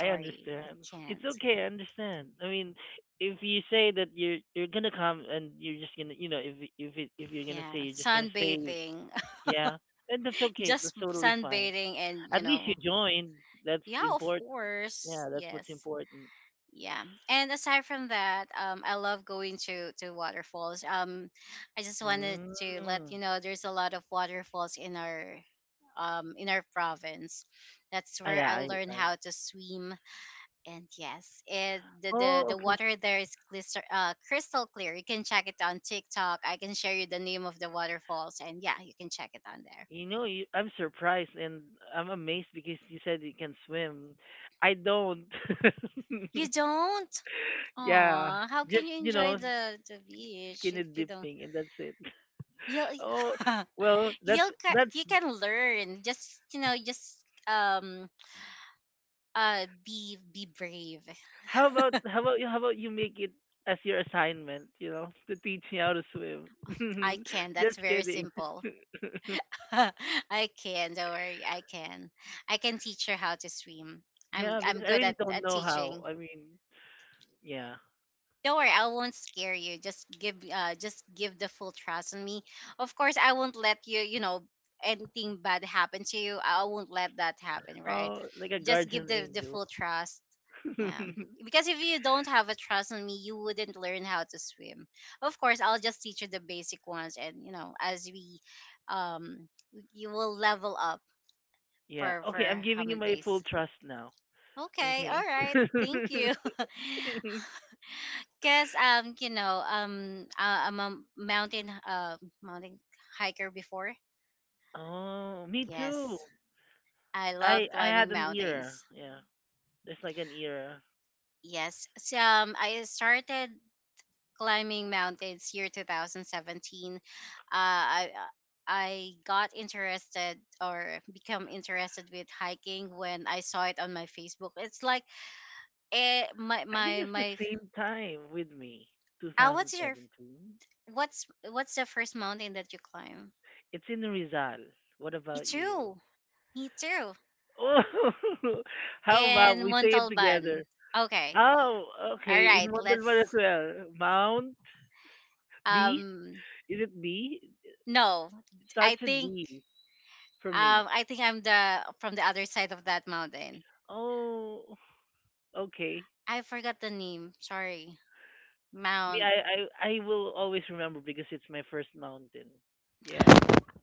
[SPEAKER 2] I
[SPEAKER 1] I
[SPEAKER 2] understand. It's
[SPEAKER 1] can't.
[SPEAKER 2] okay. I understand. I mean, if you say that you're you're gonna come and you're just gonna, you know, if if it, if you're gonna
[SPEAKER 1] Yeah,
[SPEAKER 2] say you're just gonna stay.
[SPEAKER 1] sunbathing.
[SPEAKER 2] Yeah, and that's okay. That's
[SPEAKER 1] Just
[SPEAKER 2] totally fine.
[SPEAKER 1] sunbathing, and you
[SPEAKER 2] At least you
[SPEAKER 1] know,
[SPEAKER 2] joined. That's
[SPEAKER 1] yeah, of
[SPEAKER 2] important.
[SPEAKER 1] course,
[SPEAKER 2] Yeah, that's what's
[SPEAKER 1] yes.
[SPEAKER 2] important.
[SPEAKER 1] Yeah. And aside from that, um, I love going to to waterfalls. Um, I just wanted to let you
[SPEAKER 2] Mm.
[SPEAKER 1] know there's a lot of waterfalls in our um in our province. That's
[SPEAKER 2] I,
[SPEAKER 1] where I
[SPEAKER 2] I,
[SPEAKER 1] learned
[SPEAKER 2] I.
[SPEAKER 1] how to swim. And yes, it the the,
[SPEAKER 2] Oh,
[SPEAKER 1] the
[SPEAKER 2] okay.
[SPEAKER 1] water there is crystal uh, crystal clear. You can check it on TikTok. I can share you the name of the waterfalls, and yeah, you can check it on there.
[SPEAKER 2] You know, you, I'm surprised and I'm amazed because you said you can swim. I don't.
[SPEAKER 1] You don't?
[SPEAKER 2] Yeah,
[SPEAKER 1] Oh, how can
[SPEAKER 2] just
[SPEAKER 1] you
[SPEAKER 2] you
[SPEAKER 1] enjoy
[SPEAKER 2] know,
[SPEAKER 1] the the beach
[SPEAKER 2] skinny
[SPEAKER 1] if you don't?
[SPEAKER 2] dipping and that's it.
[SPEAKER 1] You—
[SPEAKER 2] Oh, well, that's
[SPEAKER 1] you'll ca-
[SPEAKER 2] that's
[SPEAKER 1] you can learn, just, you know, just um uh be be brave.
[SPEAKER 2] How about how about you how about you make it as your assignment, you know, to teach me how to swim.
[SPEAKER 1] I can.
[SPEAKER 2] Just
[SPEAKER 1] That's very
[SPEAKER 2] kidding.
[SPEAKER 1] simple. I can, don't worry, I can. I can teach her how to swim. i'm
[SPEAKER 2] Yeah,
[SPEAKER 1] i'm
[SPEAKER 2] because I
[SPEAKER 1] good
[SPEAKER 2] really
[SPEAKER 1] at
[SPEAKER 2] don't
[SPEAKER 1] at
[SPEAKER 2] know how.
[SPEAKER 1] teaching.
[SPEAKER 2] I mean, yeah.
[SPEAKER 1] Don't worry, I won't scare you. Just give uh just give the full trust on me. Of course I won't let you, you know, anything bad happen to you. I won't let that happen, right?
[SPEAKER 2] Oh, like a
[SPEAKER 1] Just give
[SPEAKER 2] guardian
[SPEAKER 1] the the
[SPEAKER 2] angel.
[SPEAKER 1] full trust. Yeah. Because if you don't have a trust on me, you wouldn't learn how to swim. Of course, I'll just teach you the basic ones, and you know, as we um you will level up
[SPEAKER 2] Yeah.
[SPEAKER 1] for
[SPEAKER 2] Okay,
[SPEAKER 1] for
[SPEAKER 2] I'm
[SPEAKER 1] how
[SPEAKER 2] giving you
[SPEAKER 1] many
[SPEAKER 2] my
[SPEAKER 1] days.
[SPEAKER 2] full trust now.
[SPEAKER 1] Okay,
[SPEAKER 2] Okay.
[SPEAKER 1] all right. Thank you. Cause um, you know, um, uh, I'm a mountain uh mountain hiker before.
[SPEAKER 2] Oh, me too.
[SPEAKER 1] Yes, I love
[SPEAKER 2] I I
[SPEAKER 1] climbing
[SPEAKER 2] had an era.
[SPEAKER 1] mountains.
[SPEAKER 2] Yeah. There's like an era.
[SPEAKER 1] Yes, so um, I started climbing mountains year twenty seventeen. Uh, I uh, I got interested, or become interested with hiking, when I saw it on my Facebook. It's like eh, my
[SPEAKER 2] I think
[SPEAKER 1] my
[SPEAKER 2] it's the
[SPEAKER 1] my.
[SPEAKER 2] same time with me.
[SPEAKER 1] Uh, what's your—
[SPEAKER 2] twenty seventeen.
[SPEAKER 1] what's what's the first mountain that you climb?
[SPEAKER 2] It's in Rizal. What
[SPEAKER 1] Me
[SPEAKER 2] about you?
[SPEAKER 1] too. Me too.
[SPEAKER 2] Oh, how about
[SPEAKER 1] In
[SPEAKER 2] we say it together?
[SPEAKER 1] Montalban. Okay.
[SPEAKER 2] Oh,
[SPEAKER 1] All
[SPEAKER 2] okay. In
[SPEAKER 1] right.
[SPEAKER 2] Montalban as
[SPEAKER 1] Let's
[SPEAKER 2] well. Mount B?
[SPEAKER 1] um
[SPEAKER 2] Is it B? It
[SPEAKER 1] no. I
[SPEAKER 2] starts with
[SPEAKER 1] think
[SPEAKER 2] B for me.
[SPEAKER 1] um I think I'm the from the other side of that mountain.
[SPEAKER 2] Oh, okay.
[SPEAKER 1] I forgot the name. Sorry.
[SPEAKER 2] Me,
[SPEAKER 1] Mount—
[SPEAKER 2] I, I, I will always remember because it's my first mountain. Yeah.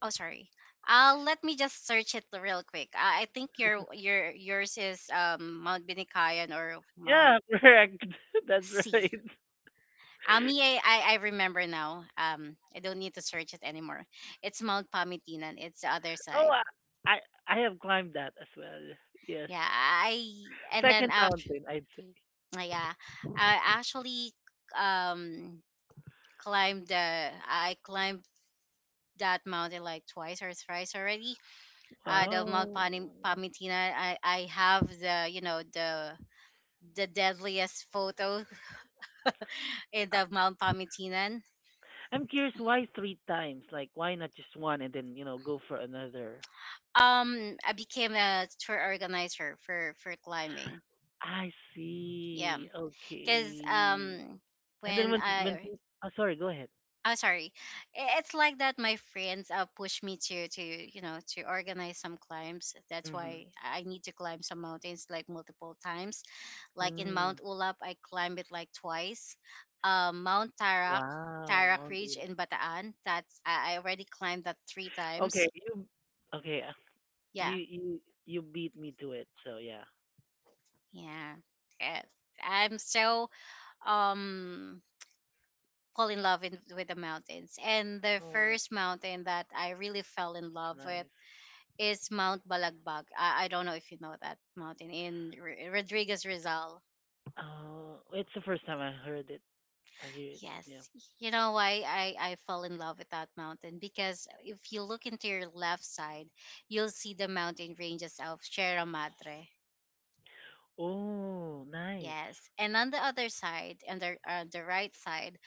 [SPEAKER 1] oh, sorry. Uh, let me just search it real quick. Uh, I think your your yours is um Mount Binicayan or Mount
[SPEAKER 2] Yeah, correct. That's right.
[SPEAKER 1] C. Uh, me, I, I I remember now. Um, I don't need to search it anymore. It's Mount Pamitinan. It's the other
[SPEAKER 2] Oh,
[SPEAKER 1] side.
[SPEAKER 2] I, I, I have climbed that as well. Yes.
[SPEAKER 1] Yeah. I and then
[SPEAKER 2] Second
[SPEAKER 1] after
[SPEAKER 2] mountain, I'd say.
[SPEAKER 1] yeah, I actually um climbed the I climbed that mountain like twice or thrice already. Uh, the Mount
[SPEAKER 2] Wow.
[SPEAKER 1] Pani, Pamitina. I I have, the you know, the the deadliest photo in the Mount Pamitinan.
[SPEAKER 2] I'm curious why three times? Like, why not just one and then, you know, go for another?
[SPEAKER 1] Um, I became a tour organizer for for climbing.
[SPEAKER 2] I
[SPEAKER 1] Yeah,
[SPEAKER 2] see.
[SPEAKER 1] because
[SPEAKER 2] Okay.
[SPEAKER 1] um
[SPEAKER 2] And then
[SPEAKER 1] when
[SPEAKER 2] when when
[SPEAKER 1] I
[SPEAKER 2] people, oh, sorry, go ahead.
[SPEAKER 1] oh, sorry. I- It's like that. My friends uh, push me to to you know, to organize some climbs. That's
[SPEAKER 2] Mm-hmm.
[SPEAKER 1] why I need to climb some mountains like multiple times. Like in Mount
[SPEAKER 2] Mm.
[SPEAKER 1] Ulap, I climbed it like twice. Um, Mount Tarak,
[SPEAKER 2] Wow,
[SPEAKER 1] Tarak
[SPEAKER 2] Mount
[SPEAKER 1] Ridge
[SPEAKER 2] Ula.
[SPEAKER 1] in Bataan. That's I I already climbed that three
[SPEAKER 2] Okay,
[SPEAKER 1] times.
[SPEAKER 2] you okay, uh, you
[SPEAKER 1] Yeah,
[SPEAKER 2] you you beat me to it. So yeah.
[SPEAKER 1] yeah. Eh, I'm so um fall in love in, with the mountains. And the
[SPEAKER 2] Oh,
[SPEAKER 1] first mountain that I really fell in
[SPEAKER 2] it's
[SPEAKER 1] love with
[SPEAKER 2] nice.
[SPEAKER 1] is Mount Balagbag. I, I don't know if you know that mountain in R- Rodriguez Rizal.
[SPEAKER 2] Oh, it's the first time I heard it. I hear it. Yeah.
[SPEAKER 1] Yes. You know why I, I fell in love with that mountain? Because if you look into your left side, you'll see the mountain ranges of Sierra Madre.
[SPEAKER 2] Oh, nice.
[SPEAKER 1] Yes. And on the other side, and the, uh, the right side,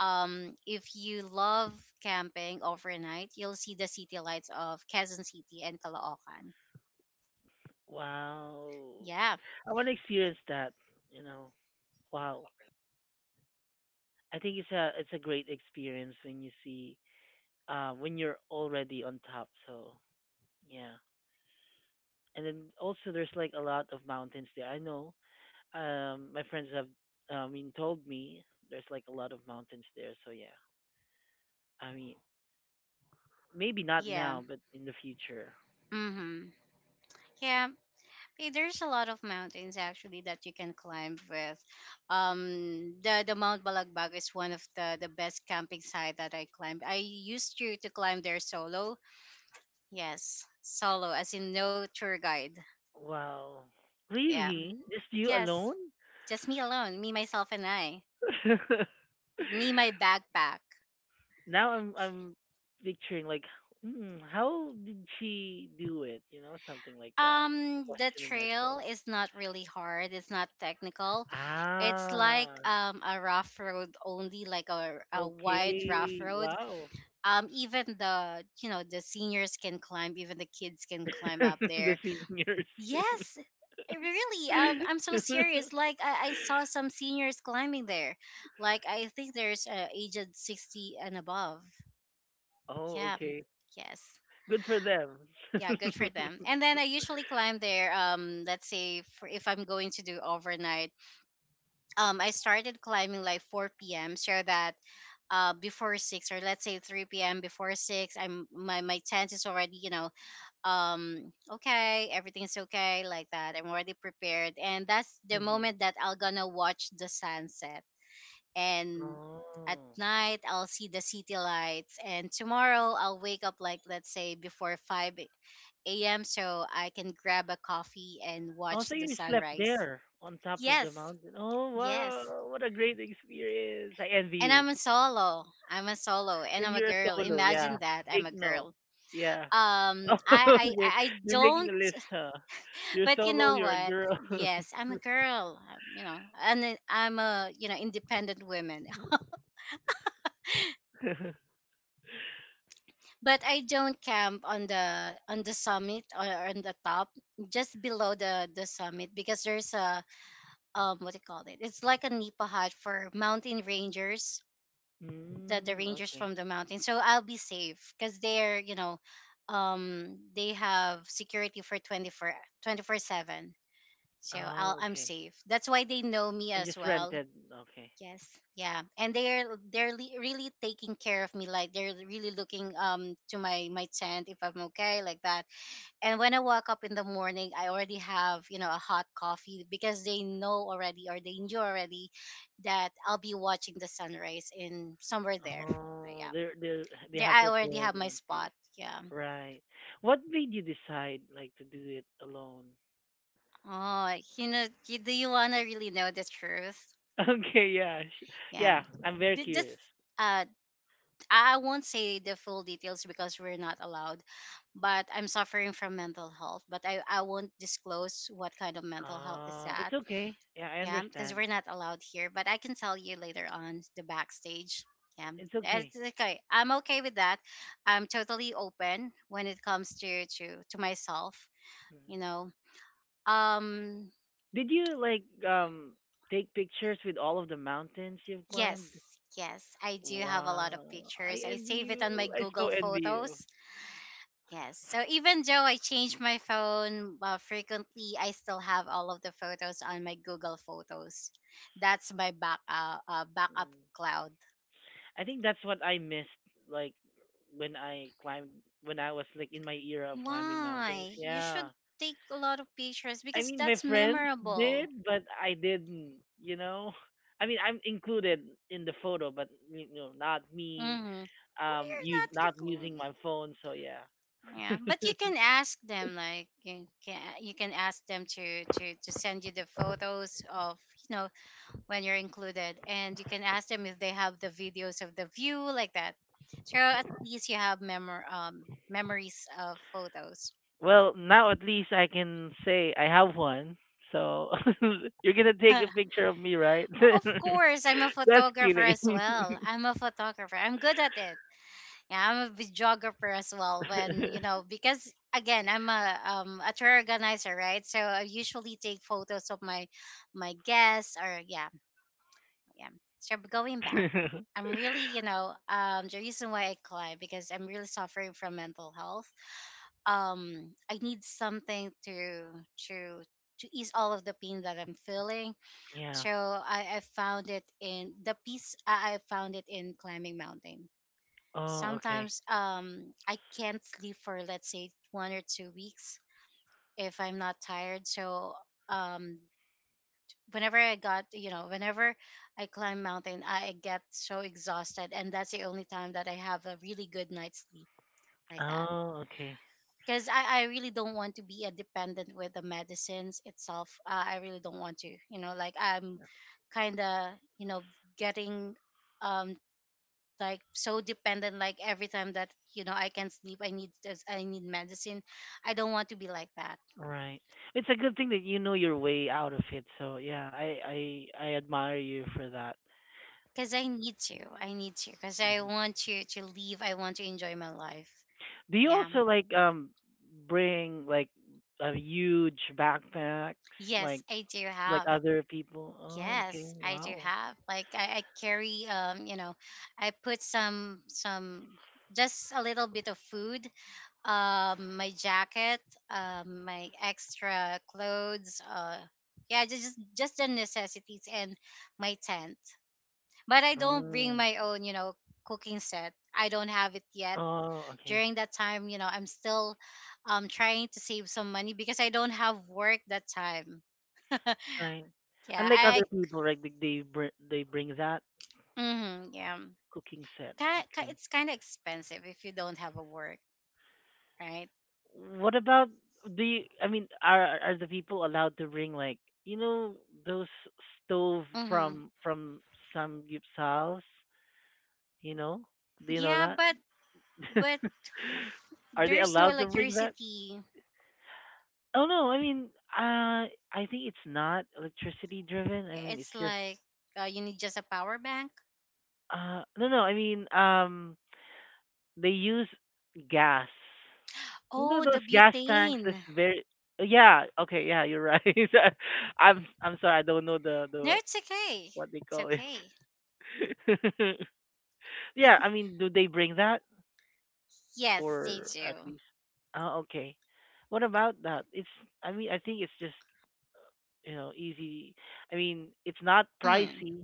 [SPEAKER 1] um, if you love camping overnight, you'll see the city lights of Quezon City and Caloocan.
[SPEAKER 2] Wow.
[SPEAKER 1] Yeah.
[SPEAKER 2] I want to experience that, you know. Wow. I think it's a it's a great experience when you see uh when you're already on top. So yeah. And then also there's like a lot of mountains there. I know. Um my friends have, I mean, told me there's like a lot of mountains there. So yeah. I mean, maybe not
[SPEAKER 1] Yeah.
[SPEAKER 2] now but in the future.
[SPEAKER 1] Mm-hmm. Yeah. Eh, There's a lot of mountains actually that you can climb with. Um, the the Mount Balagbag is one of the the best camping site that I climbed. I used to to climb there solo. Yes, solo, as in no tour guide.
[SPEAKER 2] Wow.
[SPEAKER 1] Yeah.
[SPEAKER 2] Really? Just you
[SPEAKER 1] Yes,
[SPEAKER 2] alone?
[SPEAKER 1] just me alone, me myself and I, me my backpack.
[SPEAKER 2] Now I'm I'm picturing like, hmm, how did she do it? You know, something like that.
[SPEAKER 1] Um, the
[SPEAKER 2] Questioning
[SPEAKER 1] trail
[SPEAKER 2] myself.
[SPEAKER 1] is not really hard. It's not technical. It's like
[SPEAKER 2] Ah,
[SPEAKER 1] um a rough road only, like a a wide rough
[SPEAKER 2] okay.
[SPEAKER 1] road.
[SPEAKER 2] Wow.
[SPEAKER 1] Um even, the you know, the seniors can climb. Even the kids can climb up
[SPEAKER 2] The
[SPEAKER 1] there.
[SPEAKER 2] seniors.
[SPEAKER 1] Yes. Eh, really, um, I'm so serious, like, I, I saw some seniors climbing there. Like, I think there's uh, aged sixty and above.
[SPEAKER 2] Oh,
[SPEAKER 1] Yeah.
[SPEAKER 2] okay.
[SPEAKER 1] Yes.
[SPEAKER 2] Good for them.
[SPEAKER 1] Yeah, good for them. And then I usually climb there, um let's say, for if I'm going to do overnight, um I started climbing like four p.m. so that uh before six, or let's say three p.m., before six I'm my, my tent is already, you know, um okay, everything's okay, like that. I'm already prepared, and that's the
[SPEAKER 2] Mhm.
[SPEAKER 1] moment that I'll gonna watch the sunset. And at
[SPEAKER 2] Oh.
[SPEAKER 1] night I'll see the city lights, and tomorrow I'll wake up like, let's say, before five a.m. so I can grab a coffee and
[SPEAKER 2] Oh,
[SPEAKER 1] watch
[SPEAKER 2] so
[SPEAKER 1] the
[SPEAKER 2] you slept
[SPEAKER 1] sunrise.
[SPEAKER 2] there on top of
[SPEAKER 1] Yes.
[SPEAKER 2] the mountain. Oh,
[SPEAKER 1] Yes.
[SPEAKER 2] wow. What a great experience. I envy
[SPEAKER 1] And
[SPEAKER 2] you.
[SPEAKER 1] I'm a solo, I'm a solo, and
[SPEAKER 2] And
[SPEAKER 1] I'm a
[SPEAKER 2] you're a
[SPEAKER 1] girl.
[SPEAKER 2] solo. Yeah.
[SPEAKER 1] Imagine that, I'm
[SPEAKER 2] Take
[SPEAKER 1] a girl.
[SPEAKER 2] note. Yeah.
[SPEAKER 1] um
[SPEAKER 2] Oh,
[SPEAKER 1] i i
[SPEAKER 2] okay.
[SPEAKER 1] i I
[SPEAKER 2] You're making a
[SPEAKER 1] don't—
[SPEAKER 2] list, huh? You're
[SPEAKER 1] but you
[SPEAKER 2] solo,
[SPEAKER 1] know
[SPEAKER 2] you're a
[SPEAKER 1] what?
[SPEAKER 2] girl. Mm,
[SPEAKER 1] Yes, I'm a girl. um, You know, and then I'm, a, you know, independent woman. But I don't camp on the on the summit or on the top, just below the the summit, because there's a um what do you call it? It's like a nipa hut for mountain rangers, the the rangers
[SPEAKER 2] okay.
[SPEAKER 1] from the mountain. So I'll be safe because they're, you know, um they have security for twenty four seven. So I'll
[SPEAKER 2] Oh,
[SPEAKER 1] I'm
[SPEAKER 2] okay.
[SPEAKER 1] safe. That's why they know me
[SPEAKER 2] You
[SPEAKER 1] as
[SPEAKER 2] just
[SPEAKER 1] well.
[SPEAKER 2] rented. Okay.
[SPEAKER 1] Yes. Yeah. And they're they're le- really taking care of me. Like, they're really looking um to my my tent if I'm okay, like that. And when I wake up in the morning, I already have, you know, a hot coffee because they know already, or they knew already, that I'll be watching the sunrise in somewhere there. Like,
[SPEAKER 2] Oh,
[SPEAKER 1] yeah.
[SPEAKER 2] they're they they
[SPEAKER 1] There
[SPEAKER 2] have
[SPEAKER 1] I already
[SPEAKER 2] prepared
[SPEAKER 1] have my
[SPEAKER 2] one for you.
[SPEAKER 1] spot. Yeah.
[SPEAKER 2] Right. What made you decide like to do it alone?
[SPEAKER 1] Oh, you know, you, do you wanna really know the truth?
[SPEAKER 2] Okay, yeah. sh-
[SPEAKER 1] Yeah.
[SPEAKER 2] Yeah, I'm very
[SPEAKER 1] But just
[SPEAKER 2] curious.
[SPEAKER 1] uh I I won't say the full details because we're not allowed, but I'm suffering from mental health. But I, I won't disclose what kind of mental health is
[SPEAKER 2] Uh,
[SPEAKER 1] that.
[SPEAKER 2] it's okay. Yeah, I
[SPEAKER 1] Yeah, because
[SPEAKER 2] understand.
[SPEAKER 1] we're not allowed here. But I can tell you later on the backstage. Yeah,
[SPEAKER 2] It's okay.
[SPEAKER 1] it's okay. I'm okay with that. I'm totally open when it comes to to to myself. You
[SPEAKER 2] Mhm.
[SPEAKER 1] know. Um.
[SPEAKER 2] Did you like, um take pictures with all of the mountains you've climbed?
[SPEAKER 1] Yes. Yes, I do have a lot of
[SPEAKER 2] Wow. I
[SPEAKER 1] pictures. I
[SPEAKER 2] envy
[SPEAKER 1] save it on my
[SPEAKER 2] you. I
[SPEAKER 1] Google
[SPEAKER 2] so envy you.
[SPEAKER 1] Photos. Yes. So even though I change my phone uh, frequently, I still have all of the photos on my Google Photos. That's my back uh, uh, backup
[SPEAKER 2] Mm.
[SPEAKER 1] cloud.
[SPEAKER 2] I think that's what I missed, like when I climbed, when I was like in my era of climbing mountains.
[SPEAKER 1] Why? You should
[SPEAKER 2] Yeah.
[SPEAKER 1] take a lot of pictures
[SPEAKER 2] I
[SPEAKER 1] because
[SPEAKER 2] mean, my
[SPEAKER 1] that's
[SPEAKER 2] friends
[SPEAKER 1] memorable.
[SPEAKER 2] did, but I didn't. You know, I mean, I'm included in the photo, but you know, not me.
[SPEAKER 1] Mm-hmm.
[SPEAKER 2] Um,
[SPEAKER 1] We're
[SPEAKER 2] use
[SPEAKER 1] not
[SPEAKER 2] not using
[SPEAKER 1] included.
[SPEAKER 2] my phone. So yeah.
[SPEAKER 1] Yeah, but you can ask them, like, you can, you can ask them to to to send you the photos of, you know, when you're included. And you can ask them if they have the videos of the view, like that. So at least you have memor- um, memories of photos.
[SPEAKER 2] Well, now at least I can say I have one. So you're gonna take a picture of me, right?
[SPEAKER 1] Of course, I'm a
[SPEAKER 2] That's
[SPEAKER 1] photographer
[SPEAKER 2] kidding.
[SPEAKER 1] as well. I'm a photographer. I'm good at it. Yeah, I'm a videographer as well. When, you know, because again, I'm a, um a tour organizer, right? So I usually take photos of my my guests, or yeah. Yeah. So going back, I'm really, you know, um, the reason why I climb, because I'm really suffering from mental health. Um, I need something to to to ease all of the pain that I'm feeling.
[SPEAKER 2] Yeah.
[SPEAKER 1] So I, I found it in the peace. I I found it in climbing mountain.
[SPEAKER 2] Oh, okay.
[SPEAKER 1] Sometimes um, I can't sleep for, let's say, one or two weeks if I'm not tired. So um, whenever I got, you know, whenever I climb mountain, I get so exhausted, and that's the only time that I have a really good night's sleep like that.
[SPEAKER 2] Oh, okay.
[SPEAKER 1] Because I, I really don't want to be a dependent with the medicines itself. Uh, I really don't want to, you know, like I'm kind of, you know, getting um like so dependent. Like every time that you know I can sleep, I need this- I need medicine. I don't want to be like that
[SPEAKER 2] Right. It's a good thing that you know your way out of it. So yeah, I I I admire you for that.
[SPEAKER 1] because I need to. I need to because I
[SPEAKER 2] Hmm.
[SPEAKER 1] want to to leave. I want to enjoy my life.
[SPEAKER 2] Do you
[SPEAKER 1] Yeah.
[SPEAKER 2] also like, um, bring like a huge backpacks like
[SPEAKER 1] Yes, I do
[SPEAKER 2] like
[SPEAKER 1] have.
[SPEAKER 2] other people? Oh, okay.
[SPEAKER 1] Yes, I do
[SPEAKER 2] Wow.
[SPEAKER 1] have. Like I, I carry um, you know, I put some some just a little bit of food, um, my jacket, um, my extra clothes, uh yeah, just, just just the necessities and my tent. But I don't bring
[SPEAKER 2] Mm.
[SPEAKER 1] my own, you know, cooking set. I don't have it yet.
[SPEAKER 2] Oh, okay.
[SPEAKER 1] During that time, you know, I'm still um trying to save some money because I don't have work that time.
[SPEAKER 2] Right.
[SPEAKER 1] Yeah,
[SPEAKER 2] Unlike
[SPEAKER 1] I
[SPEAKER 2] other people, right? They they br- they bring that
[SPEAKER 1] mhm, yeah.
[SPEAKER 2] cooking set.
[SPEAKER 1] Ki- ki-
[SPEAKER 2] Okay.
[SPEAKER 1] It's kind of expensive if you don't have a work, right?
[SPEAKER 2] What about, do you? I mean, are are the people allowed to bring like, you know, those stove
[SPEAKER 1] Mhm.
[SPEAKER 2] from from samgyupsals? You know? Do you know
[SPEAKER 1] Yeah,
[SPEAKER 2] that?
[SPEAKER 1] but but
[SPEAKER 2] Are they
[SPEAKER 1] there's no
[SPEAKER 2] allowed to bring that?
[SPEAKER 1] electricity.
[SPEAKER 2] Oh no, I mean, uh, I think it's not electricity driven. I mean, it's
[SPEAKER 1] It's
[SPEAKER 2] just,
[SPEAKER 1] like uh, you need just a power bank.
[SPEAKER 2] uh, no, no. I mean, um, they use gas. You know
[SPEAKER 1] Oh, the
[SPEAKER 2] those gas tanks. That's
[SPEAKER 1] butane.
[SPEAKER 2] very. Yeah. Okay. Yeah. You're right. I'm. I'm sorry. I don't know the
[SPEAKER 1] No,
[SPEAKER 2] the
[SPEAKER 1] it's okay.
[SPEAKER 2] what they
[SPEAKER 1] It's
[SPEAKER 2] call it.
[SPEAKER 1] okay.
[SPEAKER 2] Yeah. I mean, do they bring that
[SPEAKER 1] Yes, they
[SPEAKER 2] or at
[SPEAKER 1] do.
[SPEAKER 2] least? Oh, okay. What about that? It's. I mean, I think it's just, you know, easy. I mean, it's not
[SPEAKER 1] Mhm.
[SPEAKER 2] pricey,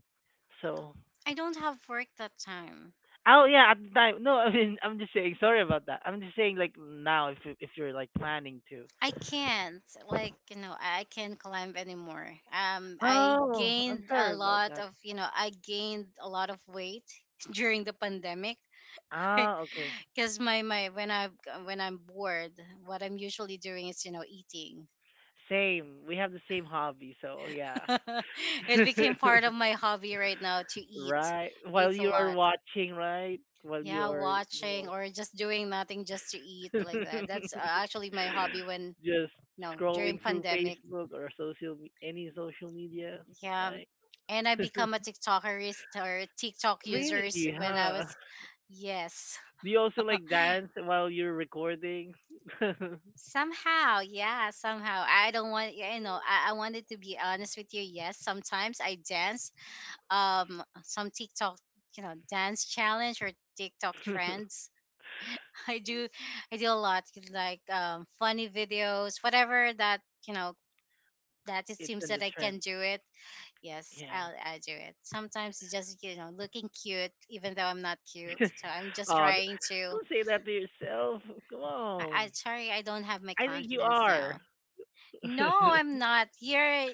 [SPEAKER 2] so.
[SPEAKER 1] I don't have work that time.
[SPEAKER 2] Oh yeah, at the time. No, I mean, I'm just saying. Sorry about that. I'm just saying, like now, if you- if you're like planning to,
[SPEAKER 1] I can't like you know I I can't climb anymore. Um, I
[SPEAKER 2] Oh, I'm
[SPEAKER 1] gained
[SPEAKER 2] sorry
[SPEAKER 1] a
[SPEAKER 2] about
[SPEAKER 1] lot
[SPEAKER 2] that.
[SPEAKER 1] of you know I gained a lot of weight during the pandemic
[SPEAKER 2] Ah, okay.
[SPEAKER 1] because my my when I when I'm bored, what I'm usually doing is you know eating.
[SPEAKER 2] Same. We have the same hobby, so yeah.
[SPEAKER 1] it became part of my hobby right now to eat,
[SPEAKER 2] Right. While
[SPEAKER 1] eat a
[SPEAKER 2] you are
[SPEAKER 1] lot.
[SPEAKER 2] watching, right? While you
[SPEAKER 1] Yeah,
[SPEAKER 2] are, you
[SPEAKER 1] watching
[SPEAKER 2] know,
[SPEAKER 1] or just doing nothing just to eat like that. That's uh, actually my hobby when
[SPEAKER 2] just
[SPEAKER 1] no during
[SPEAKER 2] scrolling through
[SPEAKER 1] pandemic.
[SPEAKER 2] Facebook or social me- any social media,
[SPEAKER 1] Yeah.
[SPEAKER 2] like
[SPEAKER 1] And I become a TikTokerist or TikTok users
[SPEAKER 2] really,
[SPEAKER 1] when I
[SPEAKER 2] huh?
[SPEAKER 1] was yes.
[SPEAKER 2] Do you also like dance while you're recording?
[SPEAKER 1] Somehow, yeah, somehow. I don't want yeah, you know, I, I wanted to be honest with you. Yes, sometimes I dance um some TikTok, you know, dance challenge or TikTok trends. I do I do a lot like um funny videos, whatever that, you know, that it
[SPEAKER 2] It's
[SPEAKER 1] seems
[SPEAKER 2] in the
[SPEAKER 1] that I can
[SPEAKER 2] trend.
[SPEAKER 1] do it. Yes,
[SPEAKER 2] Yeah.
[SPEAKER 1] I'll, I'll do it. Sometimes it's just, you know, looking cute, even though I'm not cute. So I'm just
[SPEAKER 2] Uh,
[SPEAKER 1] trying to.
[SPEAKER 2] don't say that to yourself. Come
[SPEAKER 1] I,
[SPEAKER 2] on.
[SPEAKER 1] I sorry, I don't have my
[SPEAKER 2] I think you
[SPEAKER 1] confidence
[SPEAKER 2] are.
[SPEAKER 1] now. No, I'm not. You're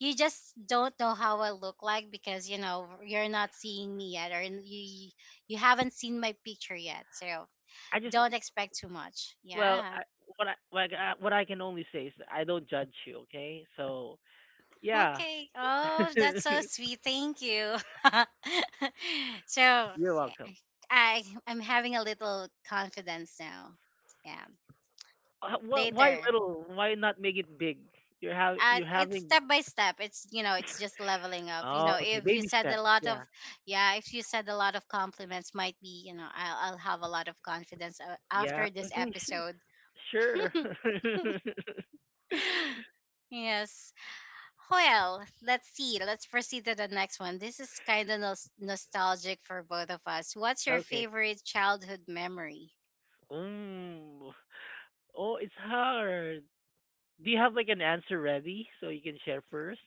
[SPEAKER 1] you just don't know how I look like because you know you're not seeing me yet, or you you haven't seen my picture yet. So
[SPEAKER 2] I just
[SPEAKER 1] don't expect too much.
[SPEAKER 2] well,
[SPEAKER 1] Yeah.
[SPEAKER 2] I, what I what I, what I can only say is that I don't judge you. Okay, so yeah,
[SPEAKER 1] Okay. Oh, that's so sweet. Thank you. so
[SPEAKER 2] you're
[SPEAKER 1] okay,
[SPEAKER 2] welcome.
[SPEAKER 1] I I'm having a little confidence now. Yeah.
[SPEAKER 2] Uh, wh- why
[SPEAKER 1] Later.
[SPEAKER 2] little? Why not make it big? You're have
[SPEAKER 1] Uh,
[SPEAKER 2] you're
[SPEAKER 1] it's
[SPEAKER 2] having.
[SPEAKER 1] step by step. It's you know, it's just leveling up. You
[SPEAKER 2] Oh,
[SPEAKER 1] know,
[SPEAKER 2] okay,
[SPEAKER 1] if you
[SPEAKER 2] baby
[SPEAKER 1] said a
[SPEAKER 2] steps.
[SPEAKER 1] lot of,
[SPEAKER 2] Yeah,
[SPEAKER 1] yeah, if you said a lot of compliments, might be you know, I'll I'll have a lot of confidence uh,
[SPEAKER 2] yeah.
[SPEAKER 1] after this
[SPEAKER 2] Okay,
[SPEAKER 1] episode.
[SPEAKER 2] sh- sure.
[SPEAKER 1] yes. Well, let's see. Let's proceed to the next one. This is kind of nos- nostalgic for both of us. What's your
[SPEAKER 2] Okay.
[SPEAKER 1] favorite childhood memory?
[SPEAKER 2] Mm. Oh, it's hard. Do you have like an answer ready so you can share first?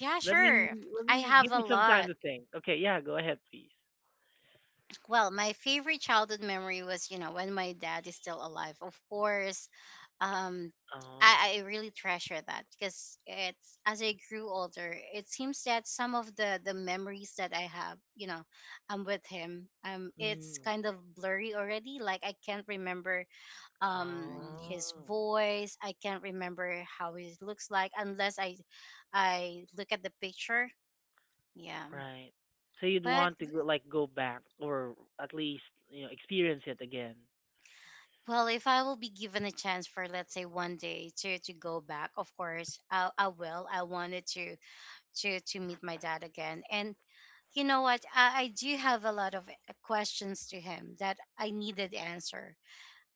[SPEAKER 1] Yeah,
[SPEAKER 2] Let me
[SPEAKER 1] sure.
[SPEAKER 2] let
[SPEAKER 1] I
[SPEAKER 2] me,
[SPEAKER 1] have
[SPEAKER 2] give me
[SPEAKER 1] a
[SPEAKER 2] some time
[SPEAKER 1] lot.
[SPEAKER 2] to think. Okay, yeah, go ahead, please.
[SPEAKER 1] Well, my favorite childhood memory was, you know, when my dad is still alive. Of course, um,
[SPEAKER 2] Oh,
[SPEAKER 1] I, I really treasure that because it's as I grew older, it seems that some of the the memories that I have, you know, I'm with him. Um, it's
[SPEAKER 2] mm,
[SPEAKER 1] kind of blurry already. Like I can't remember um his
[SPEAKER 2] oh,
[SPEAKER 1] voice. I can't remember how he looks like unless i i look at the picture. Yeah,
[SPEAKER 2] right. So you'd
[SPEAKER 1] but
[SPEAKER 2] want to go, like go back, or at least, you know, experience it again.
[SPEAKER 1] well, if I will be given a chance for let's say one day to to go back, of course i, I will i wanted to to to meet my dad again, and you know what, I, I do have a lot of uh, questions to him that I needed answer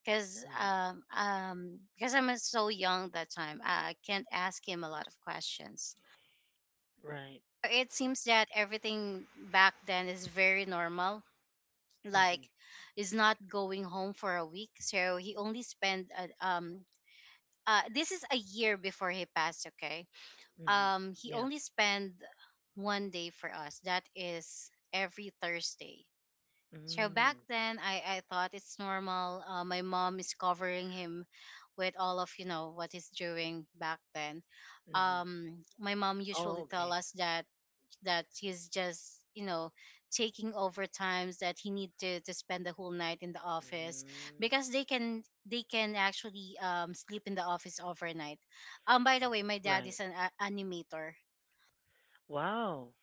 [SPEAKER 1] because
[SPEAKER 2] Hmm.
[SPEAKER 1] um um because I'm so young that time I can't ask him a lot of questions.
[SPEAKER 2] Right.
[SPEAKER 1] It seems that everything back then is very normal. Like,
[SPEAKER 2] Mhm.
[SPEAKER 1] is not going home for a week, so he only spent uh, um uh this is a year before he passed. Okay,
[SPEAKER 2] Mhm.
[SPEAKER 1] um he
[SPEAKER 2] Yeah.
[SPEAKER 1] only spent one day for us. That is every Thursday. So back
[SPEAKER 2] Mm.
[SPEAKER 1] then, I I thought it's normal. Uh, my mom is covering him with all of you know what he's doing back then.
[SPEAKER 2] Mhm.
[SPEAKER 1] Um, my mom
[SPEAKER 2] Oh,
[SPEAKER 1] usually tell
[SPEAKER 2] okay.
[SPEAKER 1] us that that he's just you know taking over times that he need to, to spend the whole night in the office
[SPEAKER 2] Mm.
[SPEAKER 1] because they can they can actually um sleep in the office overnight. um by the way, my dad
[SPEAKER 2] Right.
[SPEAKER 1] is an a- animator.
[SPEAKER 2] Wow.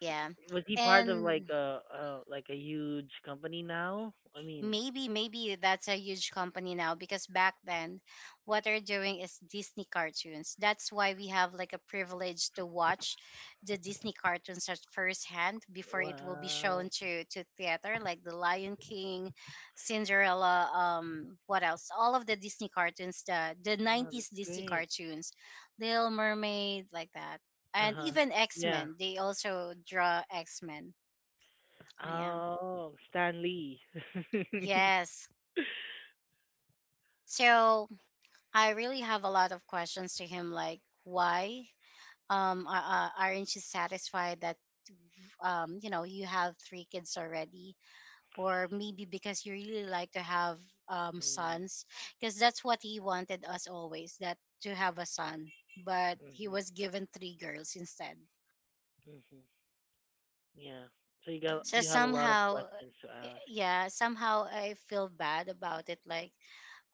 [SPEAKER 1] Yeah.
[SPEAKER 2] Was he part of like
[SPEAKER 1] And
[SPEAKER 2] a, a like a huge company now? I mean,
[SPEAKER 1] maybe, maybe that's a huge company now because back then, what they're doing is Disney cartoons. That's why we have like a privilege to watch the Disney cartoons at first hand before it will be shown
[SPEAKER 2] wow.
[SPEAKER 1] to to theater, like the Lion King, Cinderella, um, what else? All of the Disney cartoons, the the
[SPEAKER 2] Wow,
[SPEAKER 1] nineties
[SPEAKER 2] that's
[SPEAKER 1] Disney
[SPEAKER 2] great.
[SPEAKER 1] cartoons, Little Mermaid, like that, and
[SPEAKER 2] Uh-huh.
[SPEAKER 1] even X
[SPEAKER 2] Yeah.
[SPEAKER 1] Men. They also draw X Men. I am
[SPEAKER 2] Oh, Stan Lee.
[SPEAKER 1] yes. So I really have a lot of questions to him, like why um a- a- aren't you satisfied that um you know you have three kids already, or maybe because you really like to have um
[SPEAKER 2] Mm,
[SPEAKER 1] sons, because that's what he wanted us always that to have a son, but he
[SPEAKER 2] mhm,
[SPEAKER 1] was given three girls instead.
[SPEAKER 2] mhm. Yeah. So you got,
[SPEAKER 1] So
[SPEAKER 2] you have a lot of
[SPEAKER 1] somehow,
[SPEAKER 2] questions to
[SPEAKER 1] eh,
[SPEAKER 2] ask.
[SPEAKER 1] yeah, somehow I feel bad about it. Like,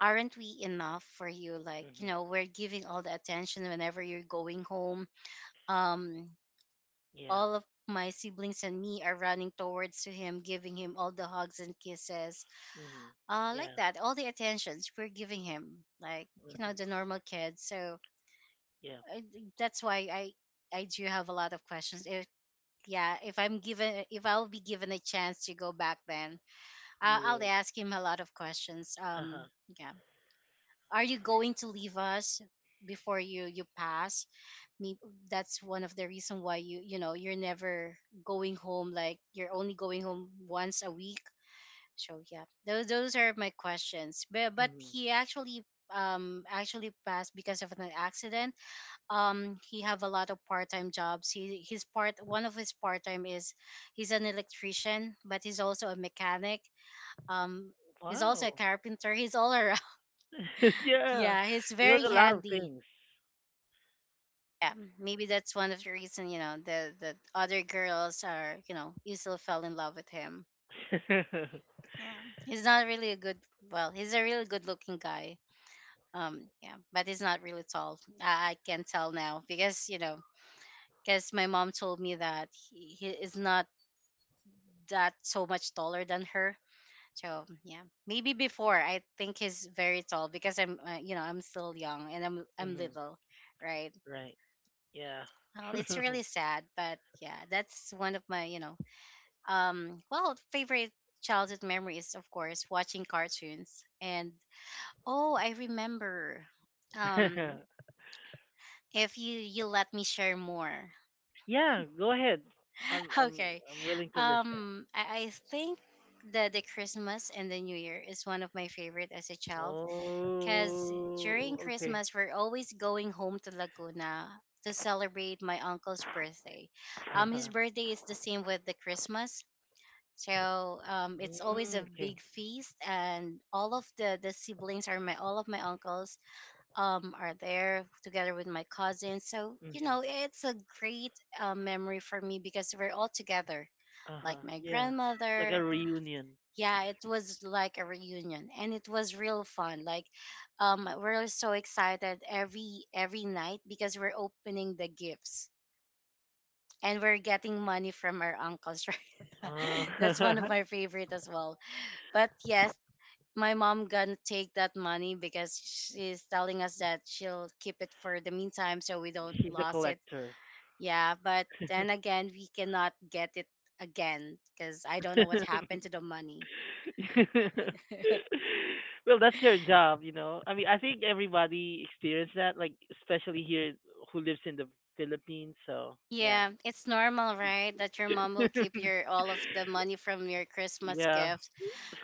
[SPEAKER 1] aren't we enough for you? Like, you
[SPEAKER 2] Mhm.
[SPEAKER 1] know, we're giving all the attention whenever you're going home. Um,
[SPEAKER 2] Yeah.
[SPEAKER 1] all of my siblings and me are running towards to him, giving him all the hugs and kisses,
[SPEAKER 2] Mhm.
[SPEAKER 1] uh, like
[SPEAKER 2] Yeah.
[SPEAKER 1] that, all the attentions we're giving him, like you know
[SPEAKER 2] Mhm.
[SPEAKER 1] the normal kids. So
[SPEAKER 2] Yeah.
[SPEAKER 1] I, that's why I I do have a lot of questions. If yeah, if I'm given if I'll be given a chance to go back, then I
[SPEAKER 2] You
[SPEAKER 1] I'll
[SPEAKER 2] would.
[SPEAKER 1] ask him a lot of questions.
[SPEAKER 2] Uh
[SPEAKER 1] Um,
[SPEAKER 2] huh.
[SPEAKER 1] yeah, are you going to leave us before you you pass? Me, that's one of the reason why you you know you're never going home. Like you're only going home once a week. So yeah, those those are my questions, but but
[SPEAKER 2] Mhm.
[SPEAKER 1] he actually um actually passed because of an accident. um he have a lot of part-time jobs. He his part one of his part-time is he's an electrician, but he's also a mechanic, um he's also a
[SPEAKER 2] Wow.
[SPEAKER 1] carpenter. he's all around.
[SPEAKER 2] Yeah.
[SPEAKER 1] yeah, he's
[SPEAKER 2] He knows
[SPEAKER 1] very
[SPEAKER 2] a lot of
[SPEAKER 1] handy.
[SPEAKER 2] things.
[SPEAKER 1] Yeah, maybe that's one of the reason you know the the other girls are you know easily fell in love with him. Yeah, he's not really a good. Well, he's a really good looking guy. Um, yeah, but he's not really tall. I, I can tell now because you know because my mom told me that he, he is not that so much taller than her. So yeah, maybe before I think he's very tall because I'm uh, you know I'm still young and I'm I'm
[SPEAKER 2] Mhm.
[SPEAKER 1] little, right?
[SPEAKER 2] Right. Yeah.
[SPEAKER 1] Well, it's really sad, but yeah, that's one of my, you know, Um, well, favorite childhood memory is of course watching cartoons. And oh, I remember. Um, if you you let me share more.
[SPEAKER 2] Yeah, go ahead. I'm I'm
[SPEAKER 1] okay.
[SPEAKER 2] I'm willing to listen.
[SPEAKER 1] Um, I, I think the the Christmas and the New Year is one of my favorite as a child because
[SPEAKER 2] Oh,
[SPEAKER 1] during
[SPEAKER 2] okay.
[SPEAKER 1] Christmas we're always going home to Laguna to celebrate my uncle's birthday. Um, his
[SPEAKER 2] Uh-huh.
[SPEAKER 1] birthday is the same with the Christmas, so um, it's always
[SPEAKER 2] Mm,
[SPEAKER 1] a
[SPEAKER 2] okay.
[SPEAKER 1] big feast, and all of the the siblings are my all of my uncles um are there together with my cousins. So you
[SPEAKER 2] Mm-hmm.
[SPEAKER 1] know it's a great uh, memory for me because we're all together, like
[SPEAKER 2] Uh-huh.
[SPEAKER 1] my
[SPEAKER 2] Yeah. It's like a
[SPEAKER 1] grandmother.
[SPEAKER 2] reunion.
[SPEAKER 1] Yeah, it was like a reunion, and it was real fun. Like, um, we're so excited every every night because we're opening the gifts and we're getting money from our uncles, right?
[SPEAKER 2] Uh,
[SPEAKER 1] That's one of my favorite as well. But yes, my mom gonna take that money because she's telling us that she'll keep it for the meantime so we don't
[SPEAKER 2] she's a
[SPEAKER 1] lose it.
[SPEAKER 2] collector.
[SPEAKER 1] Yeah, but then again, we cannot get it again because I don't know what happened to the money.
[SPEAKER 2] Well, that's your job, you know. I mean, I think everybody experienced that, like especially here who lives in the Philippines. So yeah,
[SPEAKER 1] Yeah, it's normal, right? That your mom will keep your all of the money from your Christmas
[SPEAKER 2] yeah,
[SPEAKER 1] gift.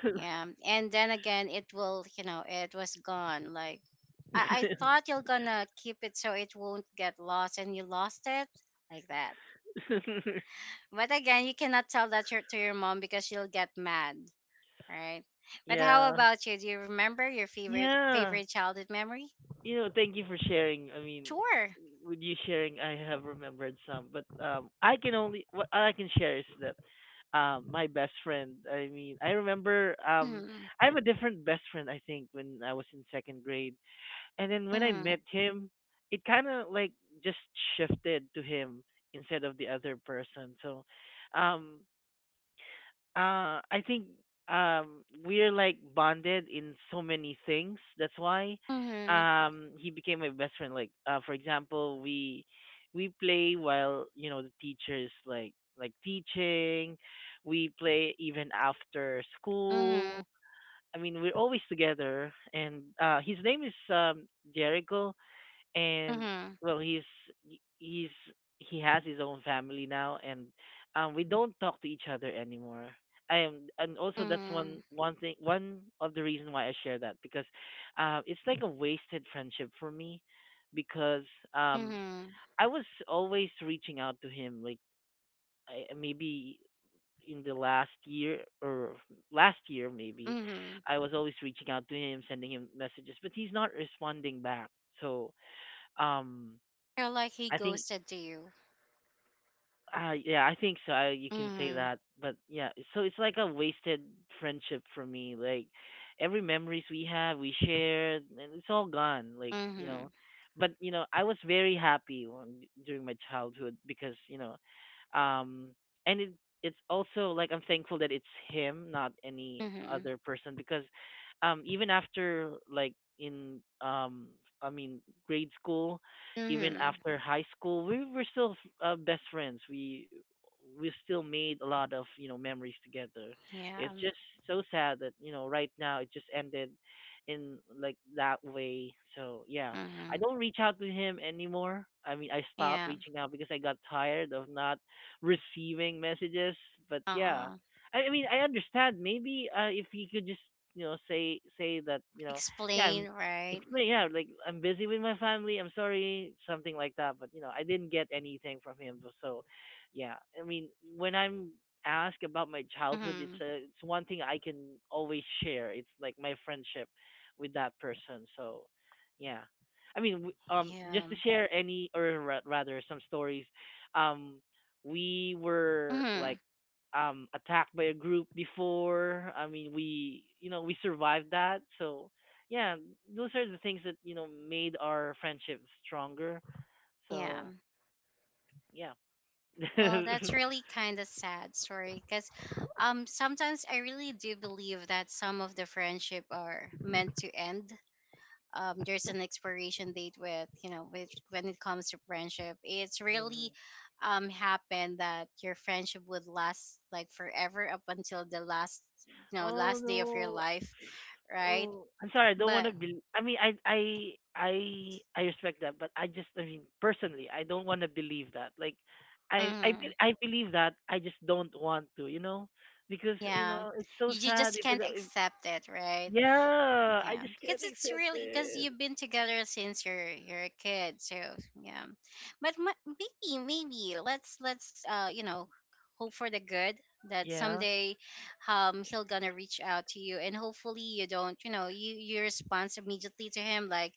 [SPEAKER 1] Yeah. And then again, it will, you know, it was gone. Like I, I thought you're gonna keep it so it won't get lost and you lost it like that. But again, you cannot tell that your- to your mom because she'll get mad, right? But how
[SPEAKER 2] yeah.
[SPEAKER 1] about you? Do you remember your favorite
[SPEAKER 2] Yeah.
[SPEAKER 1] favorite childhood memory?
[SPEAKER 2] You know, thank you for sharing. I mean,
[SPEAKER 1] Sure.
[SPEAKER 2] with you sharing, I have remembered some, but um, I can only what I can share is that, um, my best friend. I mean, I remember, um,
[SPEAKER 1] Mm-hmm.
[SPEAKER 2] I have a different best friend I think when I was in second grade, and then when I
[SPEAKER 1] Mm-hmm.
[SPEAKER 2] met him, it kind of like just shifted to him instead of the other person. So, um, uh, I think, um, we're like bonded in so many things. That's why,
[SPEAKER 1] Mm-hmm.
[SPEAKER 2] um, he became my best friend. Like, uh, for example, we we play while you know the teachers like like teaching. We play even after school. I mean, we're always together and, uh, his name is, um, Jericho
[SPEAKER 1] Mm-hmm.
[SPEAKER 2] and
[SPEAKER 1] Mm-hmm.
[SPEAKER 2] well, he's he's he has his own family now and, um, we don't talk to each other anymore. I am, and also that's
[SPEAKER 1] Mm-hmm.
[SPEAKER 2] one, one thing, one of the reason why I share that, because, uh, it's like a wasted friendship for me because, um,
[SPEAKER 1] Mm-hmm.
[SPEAKER 2] I was always reaching out to him like I, maybe in the last year or last year maybe.
[SPEAKER 1] Mm-hmm.
[SPEAKER 2] I was always reaching out to him, sending him messages, but he's not responding back, so, um,
[SPEAKER 1] You're like he
[SPEAKER 2] I think,
[SPEAKER 1] ghosted to you.
[SPEAKER 2] uh, yeah, I think so. I, you can say
[SPEAKER 1] Mm-hmm.
[SPEAKER 2] that, but yeah, so it's like a wasted friendship for me. Like every memories we have, we shared, and it's all gone. Like, you know,
[SPEAKER 1] Mm-hmm.
[SPEAKER 2] but, you know, I was very happy when, during my childhood, because, you know, um, and it it's also like I'm thankful that it's him, not any
[SPEAKER 1] Mm-hmm.
[SPEAKER 2] other person, because, um, even after like in, um, I mean, grade school, even
[SPEAKER 1] Mm-hmm.
[SPEAKER 2] after high school, we were still, uh, best friends. We we still made a lot of, you know, memories together. It's
[SPEAKER 1] Yeah.
[SPEAKER 2] just so sad that, you know, right now it just ended in like that way. So yeah, I
[SPEAKER 1] Mm-hmm.
[SPEAKER 2] don't reach out to him anymore. I mean, I stopped
[SPEAKER 1] Yeah.
[SPEAKER 2] reaching out because I got tired of not receiving messages. But yeah,
[SPEAKER 1] Uh-huh.
[SPEAKER 2] I, I mean, I understand. Maybe, uh, if he could just, you know, say, say that, you know, yeah,
[SPEAKER 1] Explain,
[SPEAKER 2] I'm
[SPEAKER 1] right?
[SPEAKER 2] explain, yeah, like I'm busy with my family. I'm sorry, something like that. But you know, I didn't get anything from him. So, so, yeah, I mean, when I'm asked about my childhood, it's
[SPEAKER 1] Mm-hmm.
[SPEAKER 2] a, it's one thing I can always share. It's like my friendship with that person. So, yeah. I mean, w- um,
[SPEAKER 1] Yeah.
[SPEAKER 2] just to share any, or ra- rather, some stories. Um, we were
[SPEAKER 1] Mm-hmm.
[SPEAKER 2] like, um, attacked by a group before. I mean, we, you know, we survived that. So yeah, those are the things that, you know, made our friendship stronger.
[SPEAKER 1] Yeah.
[SPEAKER 2] So yeah.
[SPEAKER 1] Well, that's really kind of sad story because um sometimes I really do believe that some of the friendship are meant to end. Um, there's an expiration date with you know with when it comes to friendship. It's really
[SPEAKER 2] Mhm.
[SPEAKER 1] um happened that your friendship would last like forever up until the last you know
[SPEAKER 2] Oh
[SPEAKER 1] last day of your
[SPEAKER 2] no.
[SPEAKER 1] life, right?
[SPEAKER 2] Oh, I'm sorry. I don't want
[SPEAKER 1] But
[SPEAKER 2] to be. I mean, I, I, I, I respect that, but I just, I mean, personally, I don't want to believe that. Like, I, I,
[SPEAKER 1] mhm,
[SPEAKER 2] be- I believe that. I just don't want to, you know, because you know
[SPEAKER 1] yeah,
[SPEAKER 2] it's so
[SPEAKER 1] you, you
[SPEAKER 2] sad.
[SPEAKER 1] just
[SPEAKER 2] If, it,
[SPEAKER 1] can't
[SPEAKER 2] if
[SPEAKER 1] accept it, right?
[SPEAKER 2] yeah, I
[SPEAKER 1] Yeah,
[SPEAKER 2] just
[SPEAKER 1] because
[SPEAKER 2] can't
[SPEAKER 1] it's
[SPEAKER 2] accept
[SPEAKER 1] really because
[SPEAKER 2] it.
[SPEAKER 1] you've been together since you're you're a kid, so yeah. But ma- maybe maybe let's let's uh you know hope for the good that
[SPEAKER 2] Yeah,
[SPEAKER 1] someday um he'll gonna reach out to you, and hopefully you don't you know you you respond immediately to him, like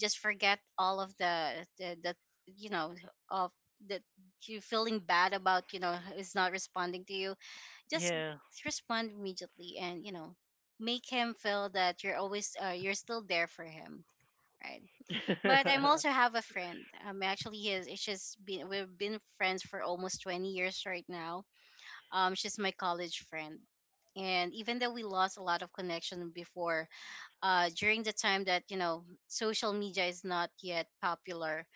[SPEAKER 1] just forget all of the the, the you know of that you feeling bad about you know is not responding to you. Just
[SPEAKER 2] yeah.
[SPEAKER 1] respond immediately, and you know make him feel that you're always uh, you're still there for him, right? But I'm also have a friend. Um actually his She's been we've been friends for almost twenty years right now. Um she's my college friend, and even though we lost a lot of connection before uh during the time that you know social media is not yet popular.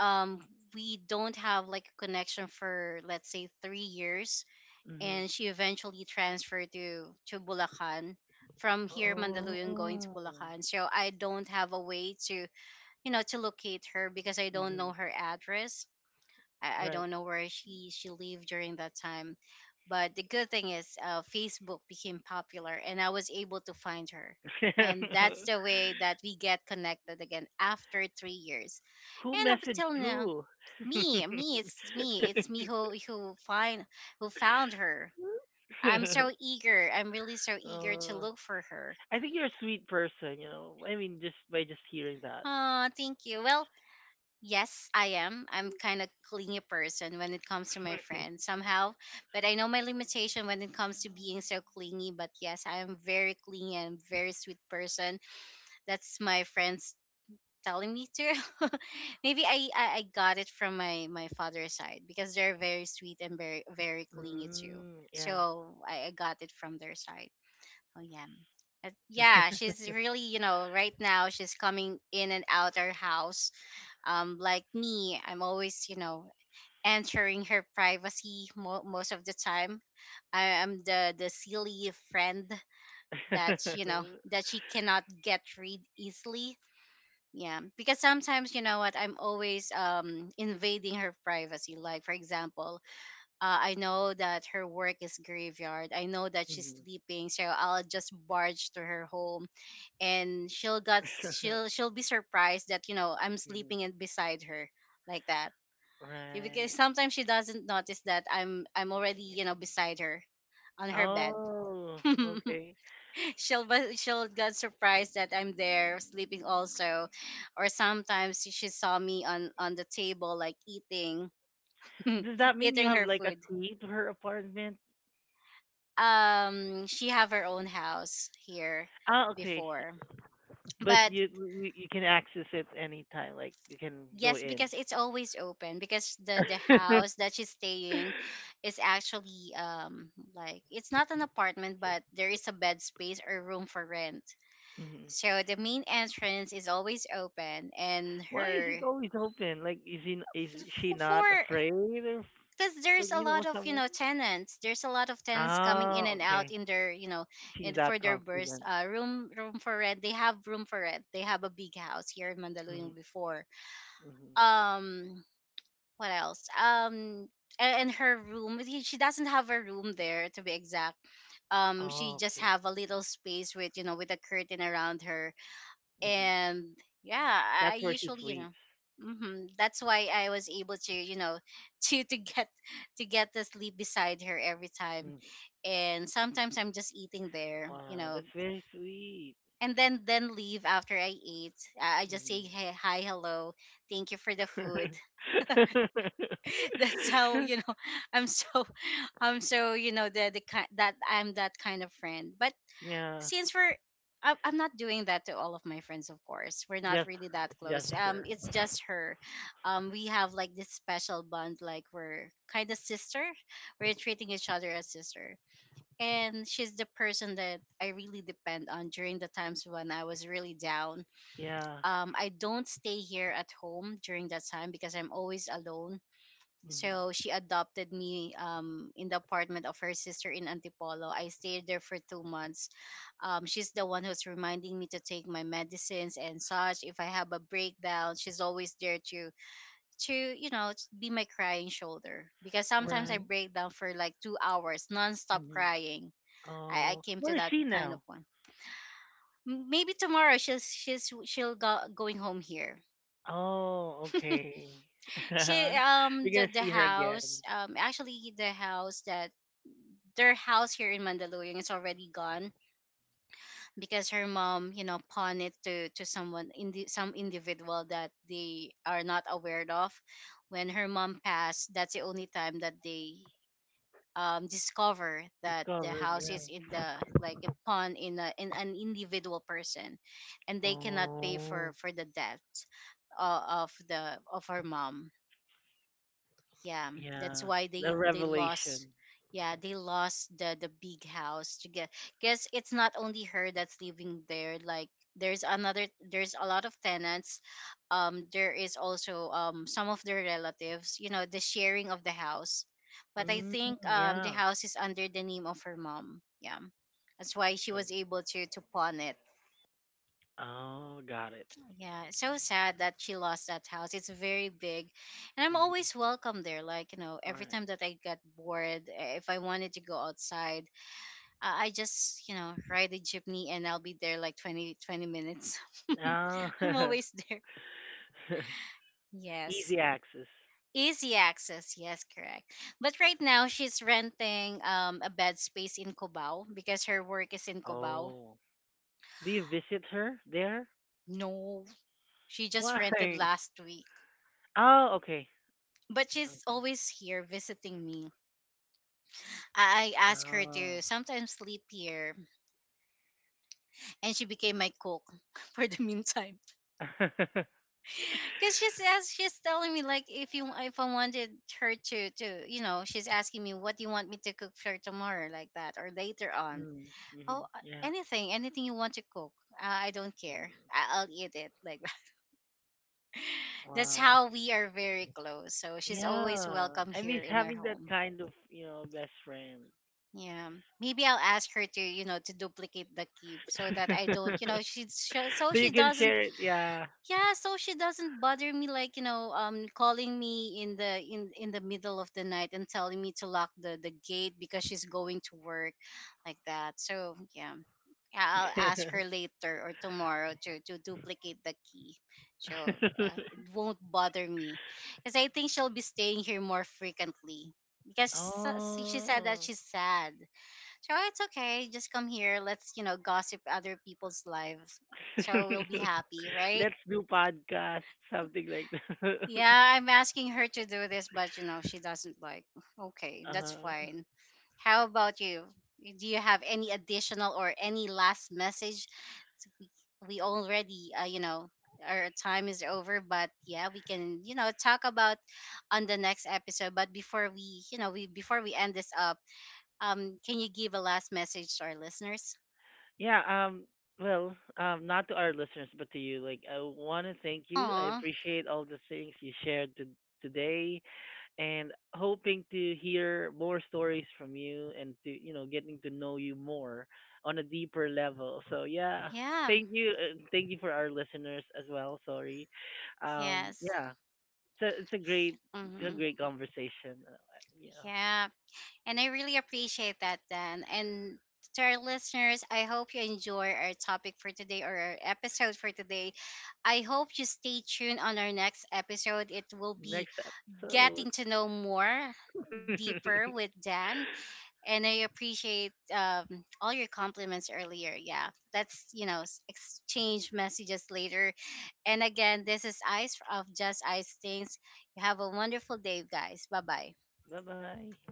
[SPEAKER 1] um we don't have like a connection for, let's say, three years,
[SPEAKER 2] Hmm.
[SPEAKER 1] and she eventually transferred to to Bulacan, from here
[SPEAKER 2] Oh.
[SPEAKER 1] Mandaluyong going to
[SPEAKER 2] Hmm.
[SPEAKER 1] Bulacan. So I don't have a way to you know to locate her because I don't know her address. I, I
[SPEAKER 2] Right.
[SPEAKER 1] don't know where she she lived during that time. But the good thing is uh, Facebook became popular and I was able to find her. And that's the way that we get connected again after three years.
[SPEAKER 2] Who
[SPEAKER 1] And up
[SPEAKER 2] messaged
[SPEAKER 1] until now,
[SPEAKER 2] who?
[SPEAKER 1] me, me, it's me, it's me who who find who found her. I'm so eager. I'm really so eager to
[SPEAKER 2] Uh,
[SPEAKER 1] look for her.
[SPEAKER 2] I think you're a sweet person, you know. I mean, just by just hearing that.
[SPEAKER 1] Oh, thank you. Well, yes, I am. I'm kind of clingy person when it comes to my friends somehow, but I know my limitation when it comes to being so clingy. But yes, I am very clingy and very sweet person. That's my friends telling me to. Maybe I, I I got it from my my father's side because they're very sweet and very very clingy too.
[SPEAKER 2] Mm, yeah.
[SPEAKER 1] So I, I got it from their side. Oh yeah. Uh, Yeah, she's really, you know, right now she's coming in and out our house. Um, like me, I'm always, you know, entering her privacy mo- most of the time. I am the the silly friend that you know that she cannot get rid easily. Yeah, because sometimes you know what, I'm always um invading her privacy. Like for example, uh, I know that her work is graveyard. I know that she's
[SPEAKER 2] Mhm.
[SPEAKER 1] sleeping, so I'll just barge to her home and she'll got she'll she'll be surprised that you know I'm
[SPEAKER 2] Mhm.
[SPEAKER 1] sleeping in beside her like that. Yeah, because
[SPEAKER 2] Right.
[SPEAKER 1] sometimes she doesn't notice that I'm I'm already you know beside her on her bed.
[SPEAKER 2] Oh, okay.
[SPEAKER 1] she'll but she'll get surprised that I'm there sleeping also, or sometimes she she saw me on on the table like eating
[SPEAKER 2] Does that mean you
[SPEAKER 1] eating
[SPEAKER 2] have
[SPEAKER 1] her
[SPEAKER 2] like a
[SPEAKER 1] food.
[SPEAKER 2] key to her apartment?
[SPEAKER 1] Um, she have her own house here
[SPEAKER 2] Ah, okay.
[SPEAKER 1] before,
[SPEAKER 2] But
[SPEAKER 1] but
[SPEAKER 2] you you you can access it anytime. Like you can go
[SPEAKER 1] yes,
[SPEAKER 2] in.
[SPEAKER 1] because it's always open because the the house that she's staying is actually um like it's not an apartment, but there is a bed space or room for rent.
[SPEAKER 2] Mhm.
[SPEAKER 1] So the main entrance is always open, and
[SPEAKER 2] Why is it
[SPEAKER 1] her
[SPEAKER 2] always open? Like, is he, n- is
[SPEAKER 1] f-
[SPEAKER 2] she
[SPEAKER 1] f- for
[SPEAKER 2] not afraid of,
[SPEAKER 1] because
[SPEAKER 2] like,
[SPEAKER 1] there's a
[SPEAKER 2] you know,
[SPEAKER 1] lot of you
[SPEAKER 2] someone?
[SPEAKER 1] know tenants. There's a lot of tenants coming in
[SPEAKER 2] Ah,
[SPEAKER 1] and out
[SPEAKER 2] okay.
[SPEAKER 1] in their you know in
[SPEAKER 2] She's
[SPEAKER 1] for
[SPEAKER 2] that
[SPEAKER 1] their burst
[SPEAKER 2] confident.
[SPEAKER 1] uh room room for rent. They have room for rent. They have a big house here in
[SPEAKER 2] Mm-hmm.
[SPEAKER 1] Mandaluyong before.
[SPEAKER 2] Mm-hmm.
[SPEAKER 1] um what else? Um, a- and her room. he- She doesn't have a room there, to be exact. Um, she
[SPEAKER 2] Oh,
[SPEAKER 1] just
[SPEAKER 2] okay.
[SPEAKER 1] have a little space with you know with a curtain around her,
[SPEAKER 2] Mm-hmm.
[SPEAKER 1] and yeah, I
[SPEAKER 2] That's where she
[SPEAKER 1] usually you know.
[SPEAKER 2] sleeps.
[SPEAKER 1] Hmm. That's why I was able to, you know, to to get to get the sleep beside her every time.
[SPEAKER 2] Mm.
[SPEAKER 1] And sometimes I'm just eating there, you
[SPEAKER 2] Wow,
[SPEAKER 1] know,
[SPEAKER 2] that's very sweet.
[SPEAKER 1] and then then leave after I eat. I I just say hey, hi, hello, thank you for the food.
[SPEAKER 2] Mm.
[SPEAKER 1] That's how you know I'm so um so you know the the kind that I'm that kind of friend. But
[SPEAKER 2] Yeah,
[SPEAKER 1] since we're I- I'm not doing that to all of my friends, of course. We're not
[SPEAKER 2] just
[SPEAKER 1] really that
[SPEAKER 2] just
[SPEAKER 1] close. Um,
[SPEAKER 2] her.
[SPEAKER 1] it's just her. Um, we have like this special bond, like we're kind of sister. We're treating each other as sister, and she's the person that I really depend on during the times when I was really down.
[SPEAKER 2] Yeah.
[SPEAKER 1] Um, I don't stay here at home during that time because I'm always alone, so
[SPEAKER 2] Hmm.
[SPEAKER 1] she adopted me um, in the apartment of her sister in Antipolo. I stayed there for two months. Um, she's the one who's reminding me to take my medicines and such. If I have a breakdown, she's always there to to you know t- be my crying shoulder because sometimes I
[SPEAKER 2] Right.
[SPEAKER 1] break down for like two hours nonstop
[SPEAKER 2] Hmm.
[SPEAKER 1] crying. I, I
[SPEAKER 2] Oh,
[SPEAKER 1] came to
[SPEAKER 2] where is
[SPEAKER 1] that
[SPEAKER 2] she
[SPEAKER 1] kind of
[SPEAKER 2] now?
[SPEAKER 1] one. M- Maybe tomorrow she's she's she'll go going home here.
[SPEAKER 2] Oh, okay.
[SPEAKER 1] She
[SPEAKER 2] You're
[SPEAKER 1] um the
[SPEAKER 2] gonna
[SPEAKER 1] the
[SPEAKER 2] see her again.
[SPEAKER 1] house um actually the house that Their house here in Mandaluyong is already gone because her mom, you know, pawned it to to someone in the, some individual that they are not aware of. When her mom passed, that's the only time that they um discover that the
[SPEAKER 2] Discovered,
[SPEAKER 1] house
[SPEAKER 2] yeah.
[SPEAKER 1] is in the like a pawn in a in an individual person, and they cannot pay for
[SPEAKER 2] Oh,
[SPEAKER 1] for the death uh, of the of her mom, yeah. That's
[SPEAKER 2] yeah.
[SPEAKER 1] why
[SPEAKER 2] The
[SPEAKER 1] they they lost,
[SPEAKER 2] revelation.
[SPEAKER 1] yeah, they lost the the big house to get, because it's not only her that's living there, like there's another there's a lot of tenants. Um, there is also um some of their relatives you know the sharing of the house. But I
[SPEAKER 2] Mm,
[SPEAKER 1] think um the
[SPEAKER 2] yeah.
[SPEAKER 1] house is under the name of her mom, yeah, that's why she
[SPEAKER 2] Oh,
[SPEAKER 1] was able to to pawn it.
[SPEAKER 2] oh, got it.
[SPEAKER 1] Yeah, it's so sad that she lost that house. It's very big, and I'm
[SPEAKER 2] Mm-hmm.
[SPEAKER 1] always welcome there. Like you know,
[SPEAKER 2] All
[SPEAKER 1] every
[SPEAKER 2] right.
[SPEAKER 1] time that I get bored, eh, if I wanted to go outside, uh, I just you know ride a jeepney and I'll be there like twenty twenty minutes.
[SPEAKER 2] Ah,
[SPEAKER 1] I'm always there. Yes,
[SPEAKER 2] easy access.
[SPEAKER 1] easy access. Yes, correct. But right now she's renting um a bed space in Cubao because her work is in Cubao.
[SPEAKER 2] Oh, do you visit her there?
[SPEAKER 1] No, she just
[SPEAKER 2] Why?
[SPEAKER 1] rented last week,
[SPEAKER 2] Oh, okay.
[SPEAKER 1] but she's
[SPEAKER 2] Okay.
[SPEAKER 1] always here visiting me. I I asked her
[SPEAKER 2] Oh.
[SPEAKER 1] to sometimes sleep here, and she became my cook for the meantime. Because she's as she's telling me like if you if I wanted her to to you know she's asking me what do you want me to cook for tomorrow like that or later on.
[SPEAKER 2] Mm-hmm.
[SPEAKER 1] Oh, uh,
[SPEAKER 2] Yeah.
[SPEAKER 1] anything, anything you want to cook. Uh, I don't care.
[SPEAKER 2] Mm.
[SPEAKER 1] I- I'll eat it like that. That's
[SPEAKER 2] Wow.
[SPEAKER 1] how we are very close. So she's always
[SPEAKER 2] Yeah,
[SPEAKER 1] welcome
[SPEAKER 2] I
[SPEAKER 1] here
[SPEAKER 2] miss
[SPEAKER 1] in our
[SPEAKER 2] having that
[SPEAKER 1] home.
[SPEAKER 2] kind of, you know, best friend.
[SPEAKER 1] Yeah, maybe I'll ask her to, you know, to duplicate the key so that I don't, you know, she so so
[SPEAKER 2] So
[SPEAKER 1] she
[SPEAKER 2] you can
[SPEAKER 1] doesn't,
[SPEAKER 2] share it, yeah.
[SPEAKER 1] yeah, so she doesn't bother me, like, you know, um, calling me in the in in the middle of the night and telling me to lock the the gate because she's going to work, like that. So yeah, yeah, I'll ask her later or tomorrow to to duplicate the key, so uh, it won't bother me, because I think she'll be staying here more frequently because so- she said that
[SPEAKER 2] Oh.
[SPEAKER 1] she's sad, so it's okay. Just come here. Let's, you know, gossip other people's lives. So we'll be happy, right?
[SPEAKER 2] Let's do podcast, something like that.
[SPEAKER 1] Yeah, I'm asking her to do this, but, you know, she doesn't like. Okay, that's
[SPEAKER 2] Uh,
[SPEAKER 1] fine. How about you? Do you have any additional or any last message? So We, we already, uh, you know, our time is over, but yeah, we can, you know, talk about on the next episode. But before we, you know, we before we end this up, um, can you give a last message to our listeners?
[SPEAKER 2] yeah, um, well, um, not to our listeners but to you. Like I want to thank you. I
[SPEAKER 1] Aw.
[SPEAKER 2] appreciate all the things you shared to, today, and hoping to hear more stories from you and to, you know, getting to know you more on a deeper level, so yeah,
[SPEAKER 1] Yeah,
[SPEAKER 2] thank you, uh, thank you for our listeners as well, sorry, um,
[SPEAKER 1] yes.
[SPEAKER 2] yeah, it's a, it's a great it's a
[SPEAKER 1] Hmm.
[SPEAKER 2] great conversation, uh, you know,
[SPEAKER 1] Yeah. And I really appreciate that, Dan. And to our listeners, I hope you enjoy our topic for today or our episode for today. I hope you stay tuned on our next episode. It will be
[SPEAKER 2] next up, so
[SPEAKER 1] getting to know more deeper with Dan. And I appreciate um, all your compliments earlier. Yeah, let's you know s- exchange messages later. And again, this is Ice of Just Ice Things. You have a wonderful day, guys. Bye bye.
[SPEAKER 2] bye bye.